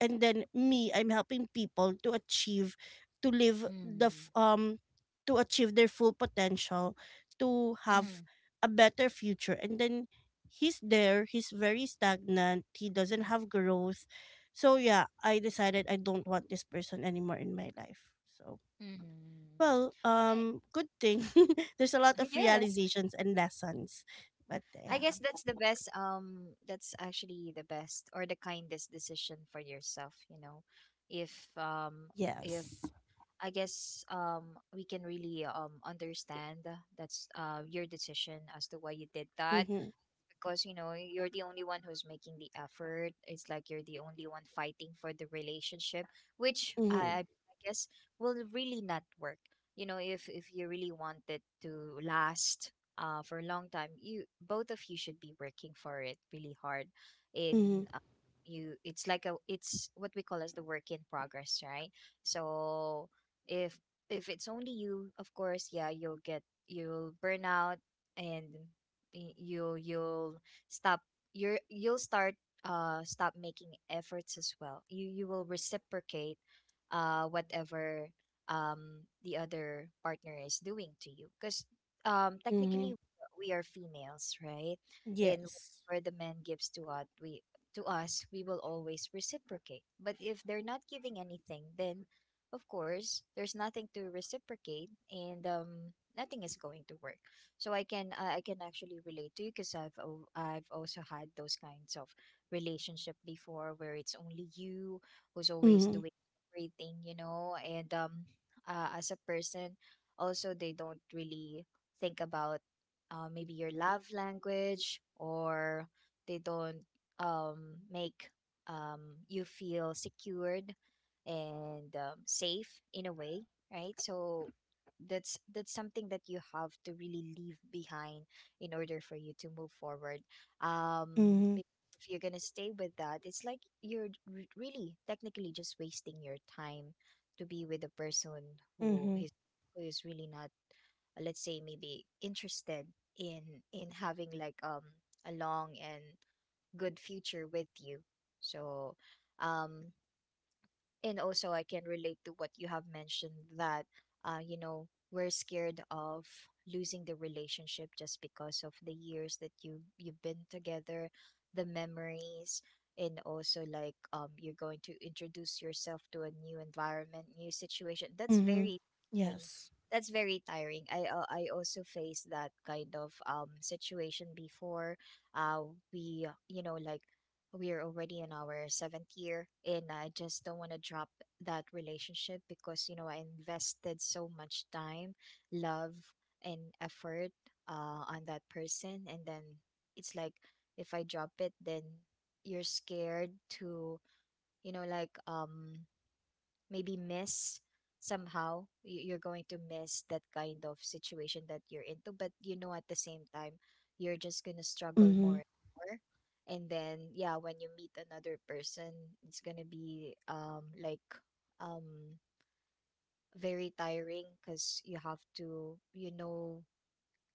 Speaker 1: and then me, I'm helping people to achieve, to live the
Speaker 2: Mhm.
Speaker 1: f- to achieve their full potential, to
Speaker 2: Mhm.
Speaker 1: have a better future. And then he's there, he's very stagnant, he doesn't have growth. So yeah, I decided I don't want this person anymore in my life. So,
Speaker 2: Mhm.
Speaker 1: well,
Speaker 2: I-
Speaker 1: good thing <laughs> there's a
Speaker 2: <laughs>
Speaker 1: lot of
Speaker 2: Yes.
Speaker 1: realizations and lessons. But
Speaker 2: I
Speaker 1: yeah,
Speaker 2: guess that's the best, that's actually the best or the kindest decision for yourself, you know. If um if
Speaker 1: yes,
Speaker 2: I guess we can really understand that's your decision as to why you did that,
Speaker 1: mm-hmm,
Speaker 2: because you know you're the only one who's making the effort, it's like you're the only one fighting for the relationship, which
Speaker 1: mm-hmm,
Speaker 2: I guess will really not work, you know. If you really want it to last for a long time, you both of you should be working for it really hard in
Speaker 1: mm-hmm,
Speaker 2: uh, you, it's like a, it's what we call as the work in progress, right? So if if it's only you, of course yeah, you'll get, you'll burn out, and you, stop you're you'll start, stop making efforts as well. You will reciprocate whatever the other partner is doing to you, because
Speaker 1: mm-hmm,
Speaker 2: technically we are females, right? And
Speaker 1: yes,
Speaker 2: whatever the man gives to us, we to us we will always reciprocate. But if they're not giving anything, then of course there's nothing to reciprocate, and nothing is going to work. So I can I can actually relate to you, because I've also had those kinds of relationship before where it's only you who's always
Speaker 1: mm-hmm,
Speaker 2: doing everything, you know. And as a person also, they don't really think about maybe your love language, or they don't make you feel secured and safe in a way, right? So that's something that you have to really leave behind in order for you to move forward,
Speaker 1: mhm,
Speaker 2: because if you're gonna stay with that, it's like really technically just wasting your time to be with a person who
Speaker 1: mhm,
Speaker 2: is, who is really not, let's say maybe interested in in having like a long and good future with you. So um and also I can relate to what you have mentioned that you know, we're scared of losing the relationship just because of the years that you've been together, the memories, and also like you're going to introduce yourself to a new environment, new situation. That's
Speaker 1: mhm.
Speaker 2: very tiring.
Speaker 1: Yes.
Speaker 2: That's very tiring. I also faced that kind of situation before. We, you know, like, we are already in our seventh year, and I just don't want to drop that relationship because, you know, I invested so much time, love, and effort on that person, and then it's like if I drop it, then you're scared to, you know, like maybe miss, somehow you're going to miss that kind of situation that you're into. But you know, at the same time, you're just going to struggle
Speaker 1: Mhm,
Speaker 2: more and more, and then yeah, when you meet another person, it's going to be like um very tiring, cuz you have to, you know,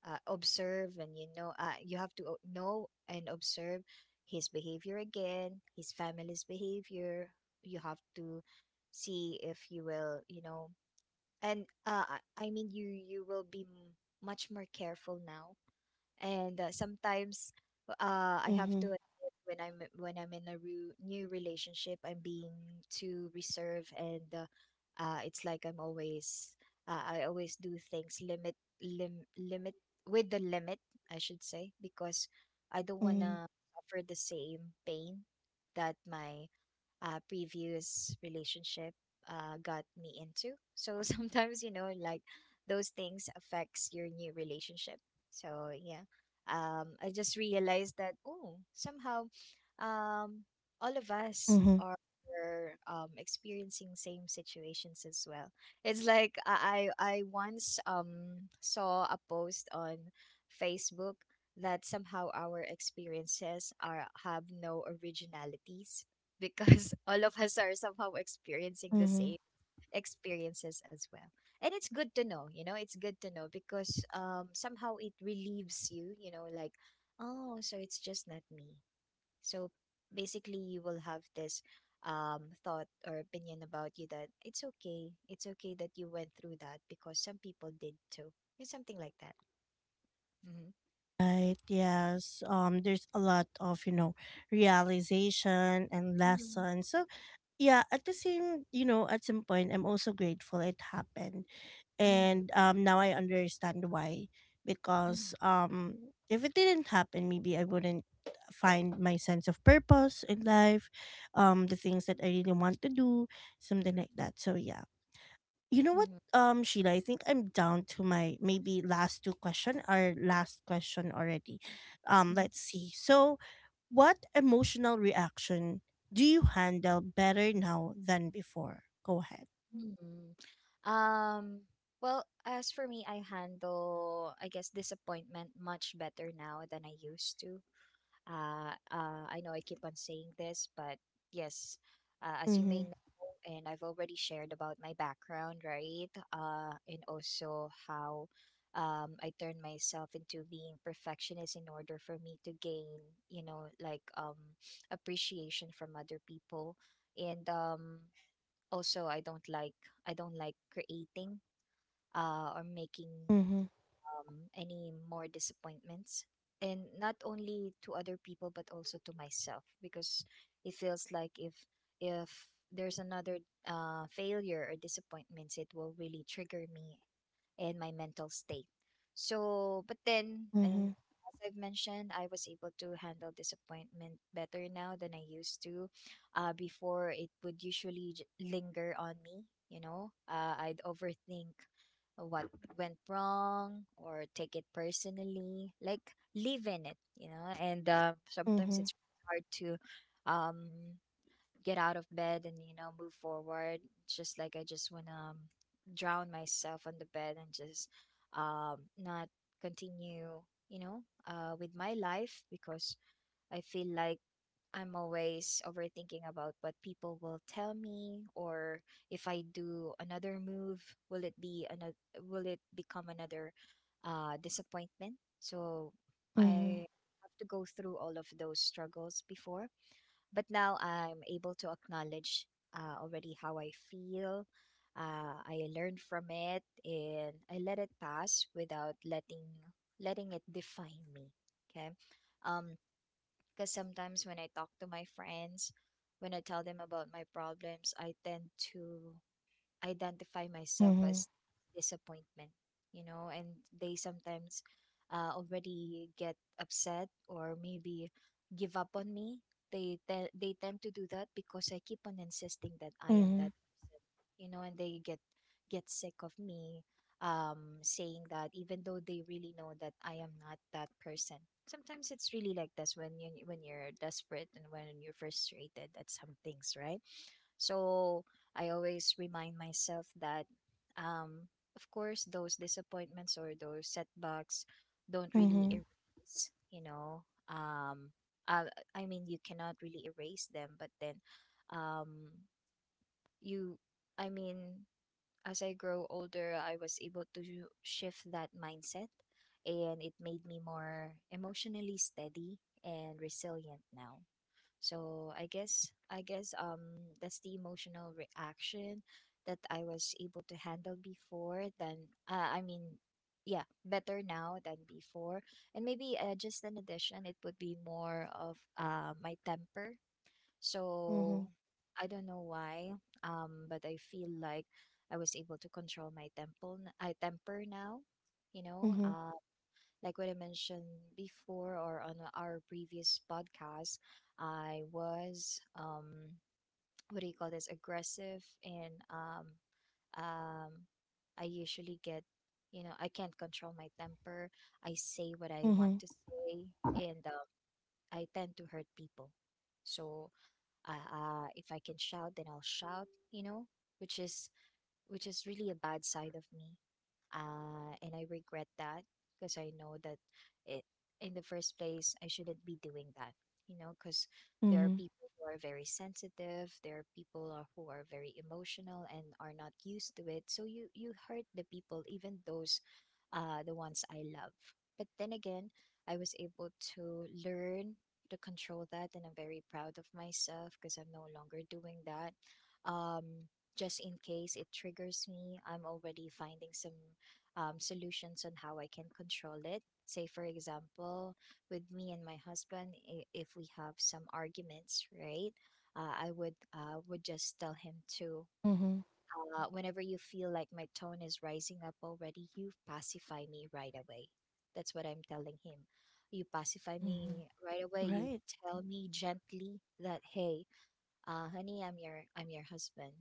Speaker 2: observe, and you know, you have to o- know and observe his behavior again, his family's behavior. You have to see if you will, you know. And I mean, you will be much more careful now. And sometimes I have
Speaker 1: mhm,
Speaker 2: to admit, when I'm in a new relationship, I'm being too reserved, and it's like I'm always, I always do things limit lim limit with the limit, I should say, because I don't
Speaker 1: mhm,
Speaker 2: wanna suffer the same pain that my previous relationship got me into. So <laughs> sometimes, you know, like those things affects your new relationship. So yeah, I just realized that, oh, somehow um, all of us
Speaker 1: mhm,
Speaker 2: are experiencing same situations as well. It's like I once saw a post on Facebook that somehow our experiences are, have no originalities, because <laughs> all of us are somehow experiencing the
Speaker 1: mhm.
Speaker 2: same experiences as well. And it's good to know, you know, it's good to know because somehow it relieves you, like oh, so it's just not me. So basically, you will have this thought or opinion about you that it's okay. It's okay that you went through that because some people did too. It's something like that. Mm-hmm.
Speaker 1: Right. Yes. There's a lot of, you know, realization and
Speaker 2: Mm-hmm.
Speaker 1: lessons. So yeah. At the same, you know, at some point, I'm also grateful it happened, and now I understand why. Because
Speaker 2: Mm-hmm.
Speaker 1: if it didn't happen, maybe I wouldn't find my sense of purpose in life, the things that I really want to do, something like that. So yeah. You know what,
Speaker 2: Mm-hmm.
Speaker 1: Sheila, I think I'm down to my maybe last two question or
Speaker 2: Okay.
Speaker 1: last question already.
Speaker 2: Mm-hmm.
Speaker 1: Let's see. So, what emotional reaction do you handle better now than before? Go ahead.
Speaker 2: Mm-hmm. Um, well, as for me, I handle, I guess, disappointment much better now than I used to. I know I keep on saying this, but yes, as you may
Speaker 1: Mm-hmm.
Speaker 2: know, and I've already shared about my background, right? And also how I turned myself into being perfectionist in order for me to gain, you know, like appreciation from other people. And Also, I don't like creating or making
Speaker 1: Mm-hmm.
Speaker 2: any more disappointments and not only to other people but also to myself because it feels like if there's another failure or disappointments it will really trigger me and my mental state. So, but then,
Speaker 1: Mm-hmm.
Speaker 2: uh, as I've mentioned, I was able to handle disappointment better now than I used to. Before, it would usually linger on me, you know, I'd overthink what went wrong or take it personally, like live in it, you know, and
Speaker 1: Mm-hmm.
Speaker 2: sometimes it's really hard to um get out of bed and you know move forward. It's just like I just want to drown myself on the bed and just um, not continue, you know, with my life because I feel like I'm always overthinking about what people will tell me, or if I do another move, will it be another, will it become another disappointment. So
Speaker 1: Mm-hmm.
Speaker 2: I have to go through all of those struggles before, but now I'm able to acknowledge already how I feel. I learned from it and I let it pass without letting it define me. Okay. Um, because sometimes when I talk to my friends, when I tell them about my problems, I tend to identify myself
Speaker 1: Mm-hmm.
Speaker 2: as disappointment, you know, and they sometimes already get upset or maybe give up on me. They tend to do that because I keep on insisting that I am
Speaker 1: Mm-hmm.
Speaker 2: that person, you know, and they get sick of me saying that even though they really know that I am not that person. Sometimes it's really like this when you when you're desperate and when you're frustrated at some things, right? So I always remind myself that, um, of course, those disappointments or those setbacks don't really
Speaker 1: Mm-hmm.
Speaker 2: erase, you know. Uh, I mean, you cannot really erase them, but then, um, you, I mean, as I grow older, I was able to shift that mindset, and it made me more emotionally steady and resilient now. So I guess that's the emotional reaction that I was able to handle before than I mean, yeah, better now than before. And maybe just an addition, it would be more of my temper.
Speaker 1: Mm-hmm.
Speaker 2: So I don't know why but I feel like I was able to control my temple I temper now, you know,
Speaker 1: Mhm.
Speaker 2: like what I mentioned before or on our previous podcast. I was what do you call this, aggressive and um I usually get, you know, I can't control my temper. I say what I want
Speaker 1: Mhm.
Speaker 2: to say, and I tend to hurt people. So if I can shout, then I'll shout. You know, which is which is really a bad side of me. And I regret that because I know that it, in the first place, I shouldn't be doing that, you know, because there are
Speaker 1: Mhm.
Speaker 2: people who are very sensitive, there are people are- who are very emotional and are not used to it. So you hurt the people, even those, the ones I love. But then again, I was able to learn to control that, and I'm very proud of myself because I'm no longer doing that. Um, just in case it triggers me, I'm already finding some solutions on how I can control it. Say, for example, with me and my husband, if we have some arguments, right? I would just tell him to,
Speaker 1: Mhm.
Speaker 2: whenever you feel like my tone is rising up already, you pacify me right away. That's what I'm telling him. You pacify
Speaker 1: Mhm.
Speaker 2: me right away. You
Speaker 1: Right.
Speaker 2: tell me gently that, hey, honey, I'm your husband,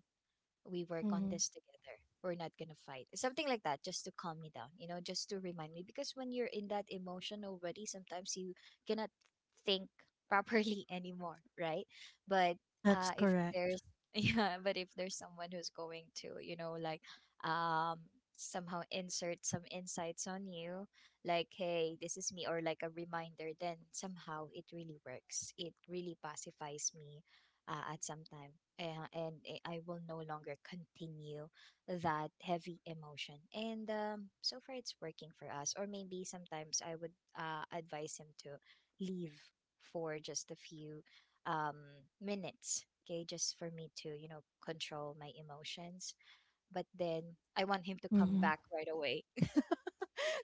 Speaker 2: we work on
Speaker 1: Mhm.
Speaker 2: this together. We're not going to fight. Something like that, just to calm me down, you know, just to remind me. Because when you're in that emotion already, sometimes you cannot think properly <laughs> anymore, right? But
Speaker 1: That's
Speaker 2: if
Speaker 1: correct.
Speaker 2: there's, <laughs> yeah, but if there's someone who's going to, you know, like um, somehow insert some insights on you, like, hey, this is me, or like a reminder, then somehow it really works. It really pacifies me at some time. And I will no longer continue that heavy emotion. And so far, it's working for us. Or maybe sometimes I would advise him to leave for just a few um, minutes. Okay, just for me to, you know, control my emotions, but then I want him to come
Speaker 1: Mhm.
Speaker 2: back right away. <laughs>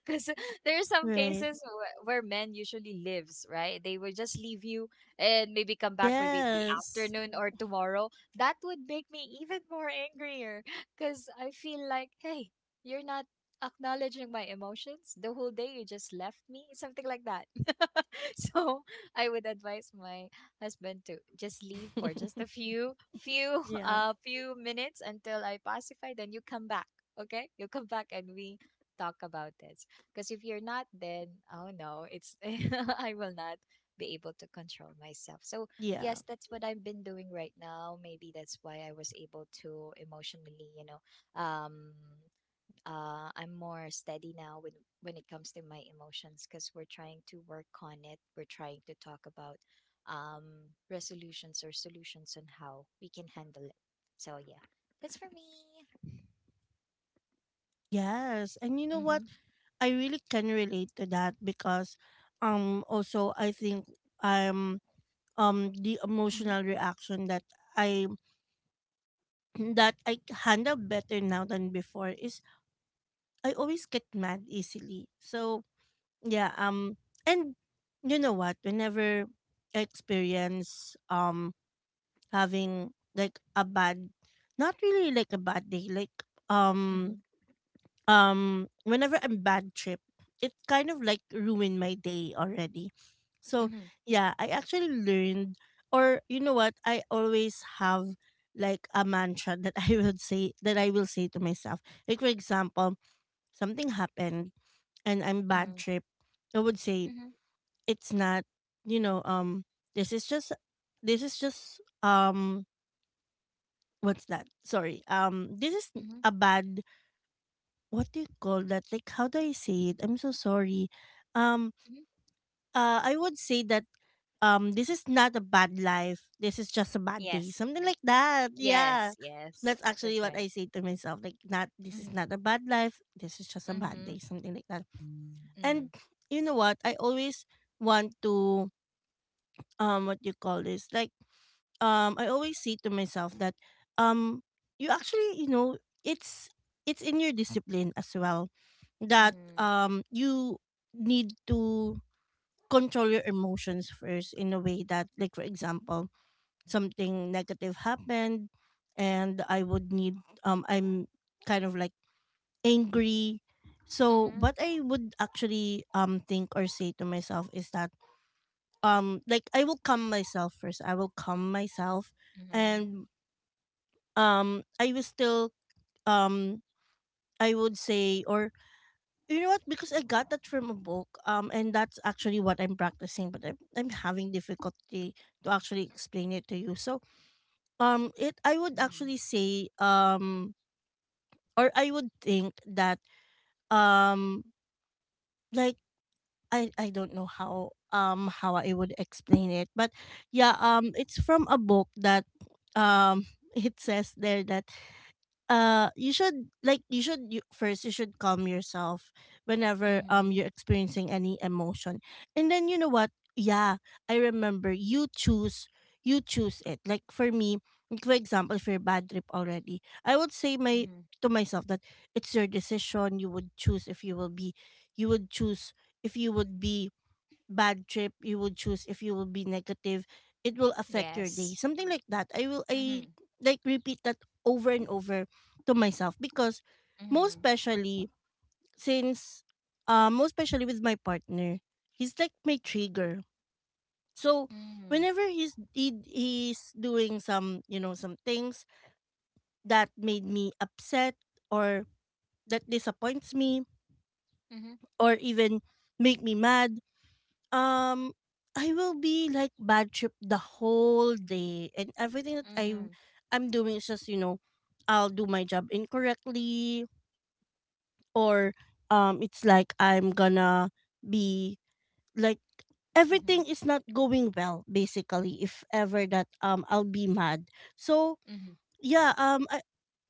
Speaker 2: Because there are some
Speaker 1: Right.
Speaker 2: cases where men usually lives, right? They will just leave you and maybe come back maybe in the
Speaker 1: Yes.
Speaker 2: afternoon or tomorrow. That would make me even more angrier because I feel like, hey, you're not acknowledging my emotions the whole day. You just left me, something like that. <laughs> So I would advise my husband to just leave for just a
Speaker 1: <laughs>
Speaker 2: few few <laughs>
Speaker 1: Yeah.
Speaker 2: few minutes until I pacify, then you come back. Okay, you come back and we talk about this, because if you're not, then oh no, it's <laughs> I will not be able to control myself. So
Speaker 1: Yeah.
Speaker 2: yes, that's what I've been doing right now. Maybe that's why I was able to emotionally, you know, um I'm more steady now when it comes to my emotions, because we're trying to work on it. We're trying to talk about um, resolutions or solutions on how we can handle it. So yeah, that's for me.
Speaker 1: Yes. And you know what?
Speaker 2: Mhm.
Speaker 1: I really can relate to that because also I think I'm the
Speaker 2: Mhm.
Speaker 1: emotional reaction that I <clears throat> that I handle better now than before is I always get mad easily. So yeah. And you know what? Whenever I experience having like a bad, not really like a bad day, like um
Speaker 2: Mhm.
Speaker 1: whenever I'm bad trip, it kind of like ruined my day already. So
Speaker 2: Mhm.
Speaker 1: yeah, I actually learned, or you know what? I always have like a mantra that <laughs> I would say that I will say to myself. Like for example, something happened and I'm bad
Speaker 2: Mhm.
Speaker 1: trip. I would say
Speaker 2: Mhm.
Speaker 1: it's not you know um this is just this is just what's that sorry this is
Speaker 2: Mhm.
Speaker 1: a bad, what do you call that, like how do I say it? I'm so sorry. um
Speaker 2: Mhm.
Speaker 1: I would say that this is not a bad life, this is just a bad day,
Speaker 2: Yes.
Speaker 1: something like that. Yeah,
Speaker 2: Yes. Yes.
Speaker 1: that's actually
Speaker 2: That's
Speaker 1: what
Speaker 2: right.
Speaker 1: I say to myself, like, not this is
Speaker 2: Mhm.
Speaker 1: not a bad life, this is just a bad
Speaker 2: Mhm.
Speaker 1: day, something like that. And
Speaker 2: Mhm.
Speaker 1: you know what, I always want to, what you call this like I always say to myself that, um you actually, you know, it's it's in your discipline as well, that
Speaker 2: Mhm.
Speaker 1: you need to control your emotions first, in a way that, like for example, something negative happened and I would need, I'm kind of like angry, so
Speaker 2: Mhm.
Speaker 1: what I would actually think or say to myself is that, like, I will calm myself first, I will calm myself.
Speaker 2: Mhm.
Speaker 1: And I was still, um I would say, or you know what, because I got that from a book, and that's actually what I'm practicing, but I'm having difficulty to actually explain it to you. So it, I would
Speaker 2: Mhm.
Speaker 1: actually say, or I would think that, um like I don't know how, how I would explain it, but yeah, it's from a book that, um <laughs> it says there that, you should, first, you should calm yourself whenever
Speaker 2: Mhm.
Speaker 1: you're experiencing any emotion. And then you know what, yeah, I remember, you choose, you choose it, like for me, like for example, if you're bad trip already, I would say my,
Speaker 2: Mhm.
Speaker 1: to myself, that it's your decision, you would choose if you will be, you would choose if you would be bad trip, you would choose if you will be negative, it will affect your day.
Speaker 2: Yes.
Speaker 1: Something like that. I
Speaker 2: Mhm.
Speaker 1: like repeat that over and over to myself, because most
Speaker 2: Mhm.
Speaker 1: especially since, most especially with my partner, he's like my trigger. So
Speaker 2: Mhm.
Speaker 1: whenever he's doing some, you know, some things that made me upset, or that disappoints me,
Speaker 2: Mhm.
Speaker 1: or even make me mad. Um, I will be like bad trip the whole day, and everything that I
Speaker 2: Mm-hmm.
Speaker 1: I'm doing is just, you know, I'll do my job incorrectly, or it's like I'm gonna be, like,
Speaker 2: Mm-hmm.
Speaker 1: everything is not going well basically. If ever that, I'll be mad. So
Speaker 2: Mm-hmm.
Speaker 1: yeah,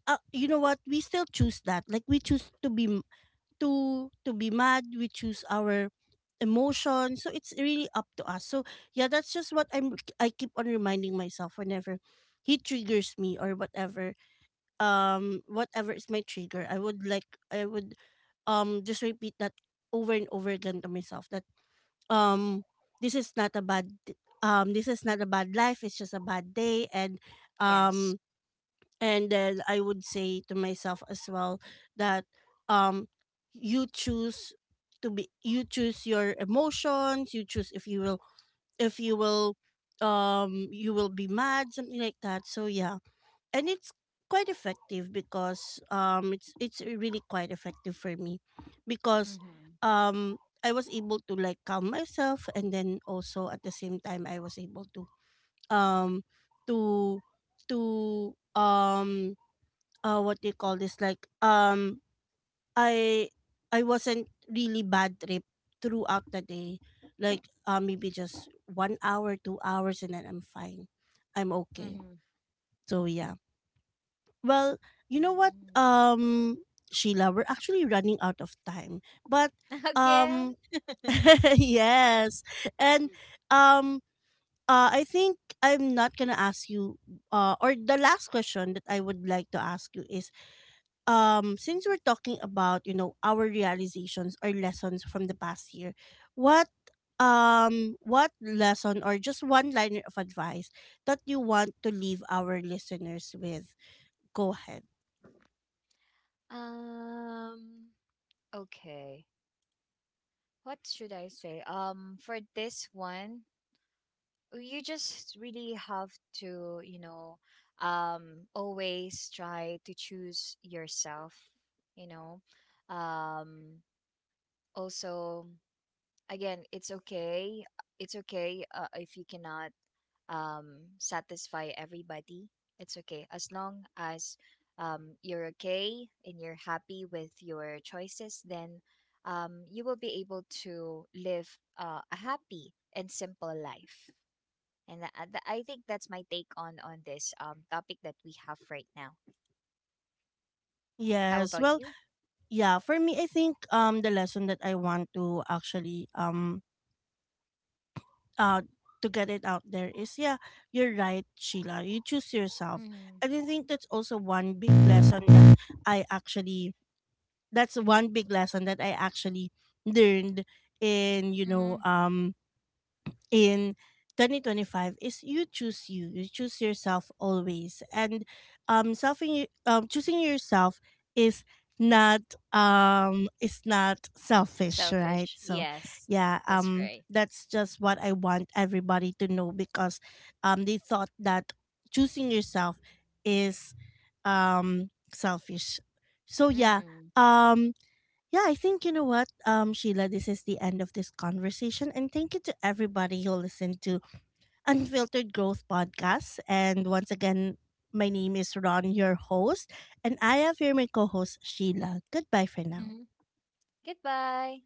Speaker 1: you know what, we still choose that. Like, we choose to be, to be mad, we choose our emotion, so it's really up to us. So yeah, that's just what I'm, I keep on reminding myself, whenever he triggers me or whatever, whatever is my trigger, I would just repeat that over and over again to myself, that um this is not a bad this is not a bad life, it's just a bad day. And
Speaker 2: Yes.
Speaker 1: um and then I would say to myself as well that, um you choose to be, you choose your emotions, you choose if you will, if you will, you will be mad, something like that. So yeah, and it's quite effective, because it's really quite effective for me, because
Speaker 2: Mm-hmm.
Speaker 1: um I was able to, like, calm myself, and then also at the same time I was able to, um to to what do you call this like i I wasn't really bad trip throughout the day, like maybe just 1 hour, 2 hours, and then I'm fine, I'm okay.
Speaker 2: Mm-hmm.
Speaker 1: So yeah, well, you know what,
Speaker 2: Mm-hmm.
Speaker 1: Sheila, we're actually running out of time, but
Speaker 2: <laughs> Again?
Speaker 1: um <laughs> yes. And um I think I'm not gonna ask you, or the last question that I would like to ask you is, since we're talking about, you know, our realizations or lessons from the past year, what what lesson or just one liner of advice that you want to leave our listeners with? Go ahead.
Speaker 2: Um okay. What should I say? For this one, you just really have to, you know, always try to choose yourself, you know. Um Also, again, it's okay. It's okay if you cannot satisfy everybody. It's okay as long as you're okay and you're happy with your choices. Then you will be able to live a happy and simple life. I think that's my take on this topic that we have right now. How
Speaker 1: Yes,
Speaker 2: about
Speaker 1: well,
Speaker 2: you?
Speaker 1: yeah, for me I think the lesson that I want to actually uh to get it out there is, yeah, you're right, Sheila, you choose yourself.
Speaker 2: Mm-hmm.
Speaker 1: And I think that's also one big lesson that I actually that's one big lesson that I actually learned in, you
Speaker 2: Mm-hmm.
Speaker 1: know, in 2025, is you choose, you choose yourself, always. And self choosing yourself is not, is not selfish, right?
Speaker 2: Selfish.
Speaker 1: So
Speaker 2: Yes,
Speaker 1: yeah,
Speaker 2: that's right.
Speaker 1: that's just what I want everybody to know, because they thought that choosing yourself is, selfish. So yeah,
Speaker 2: Mm-hmm.
Speaker 1: um yeah, I think, you know what, Sheila, this is the end of this conversation. And thank you to everybody who listened to Unfiltered Growth Podcast. And once again, my name is Ron, your host, and I have here my co host, Sheila. Goodbye for now.
Speaker 2: Mm-hmm. Goodbye.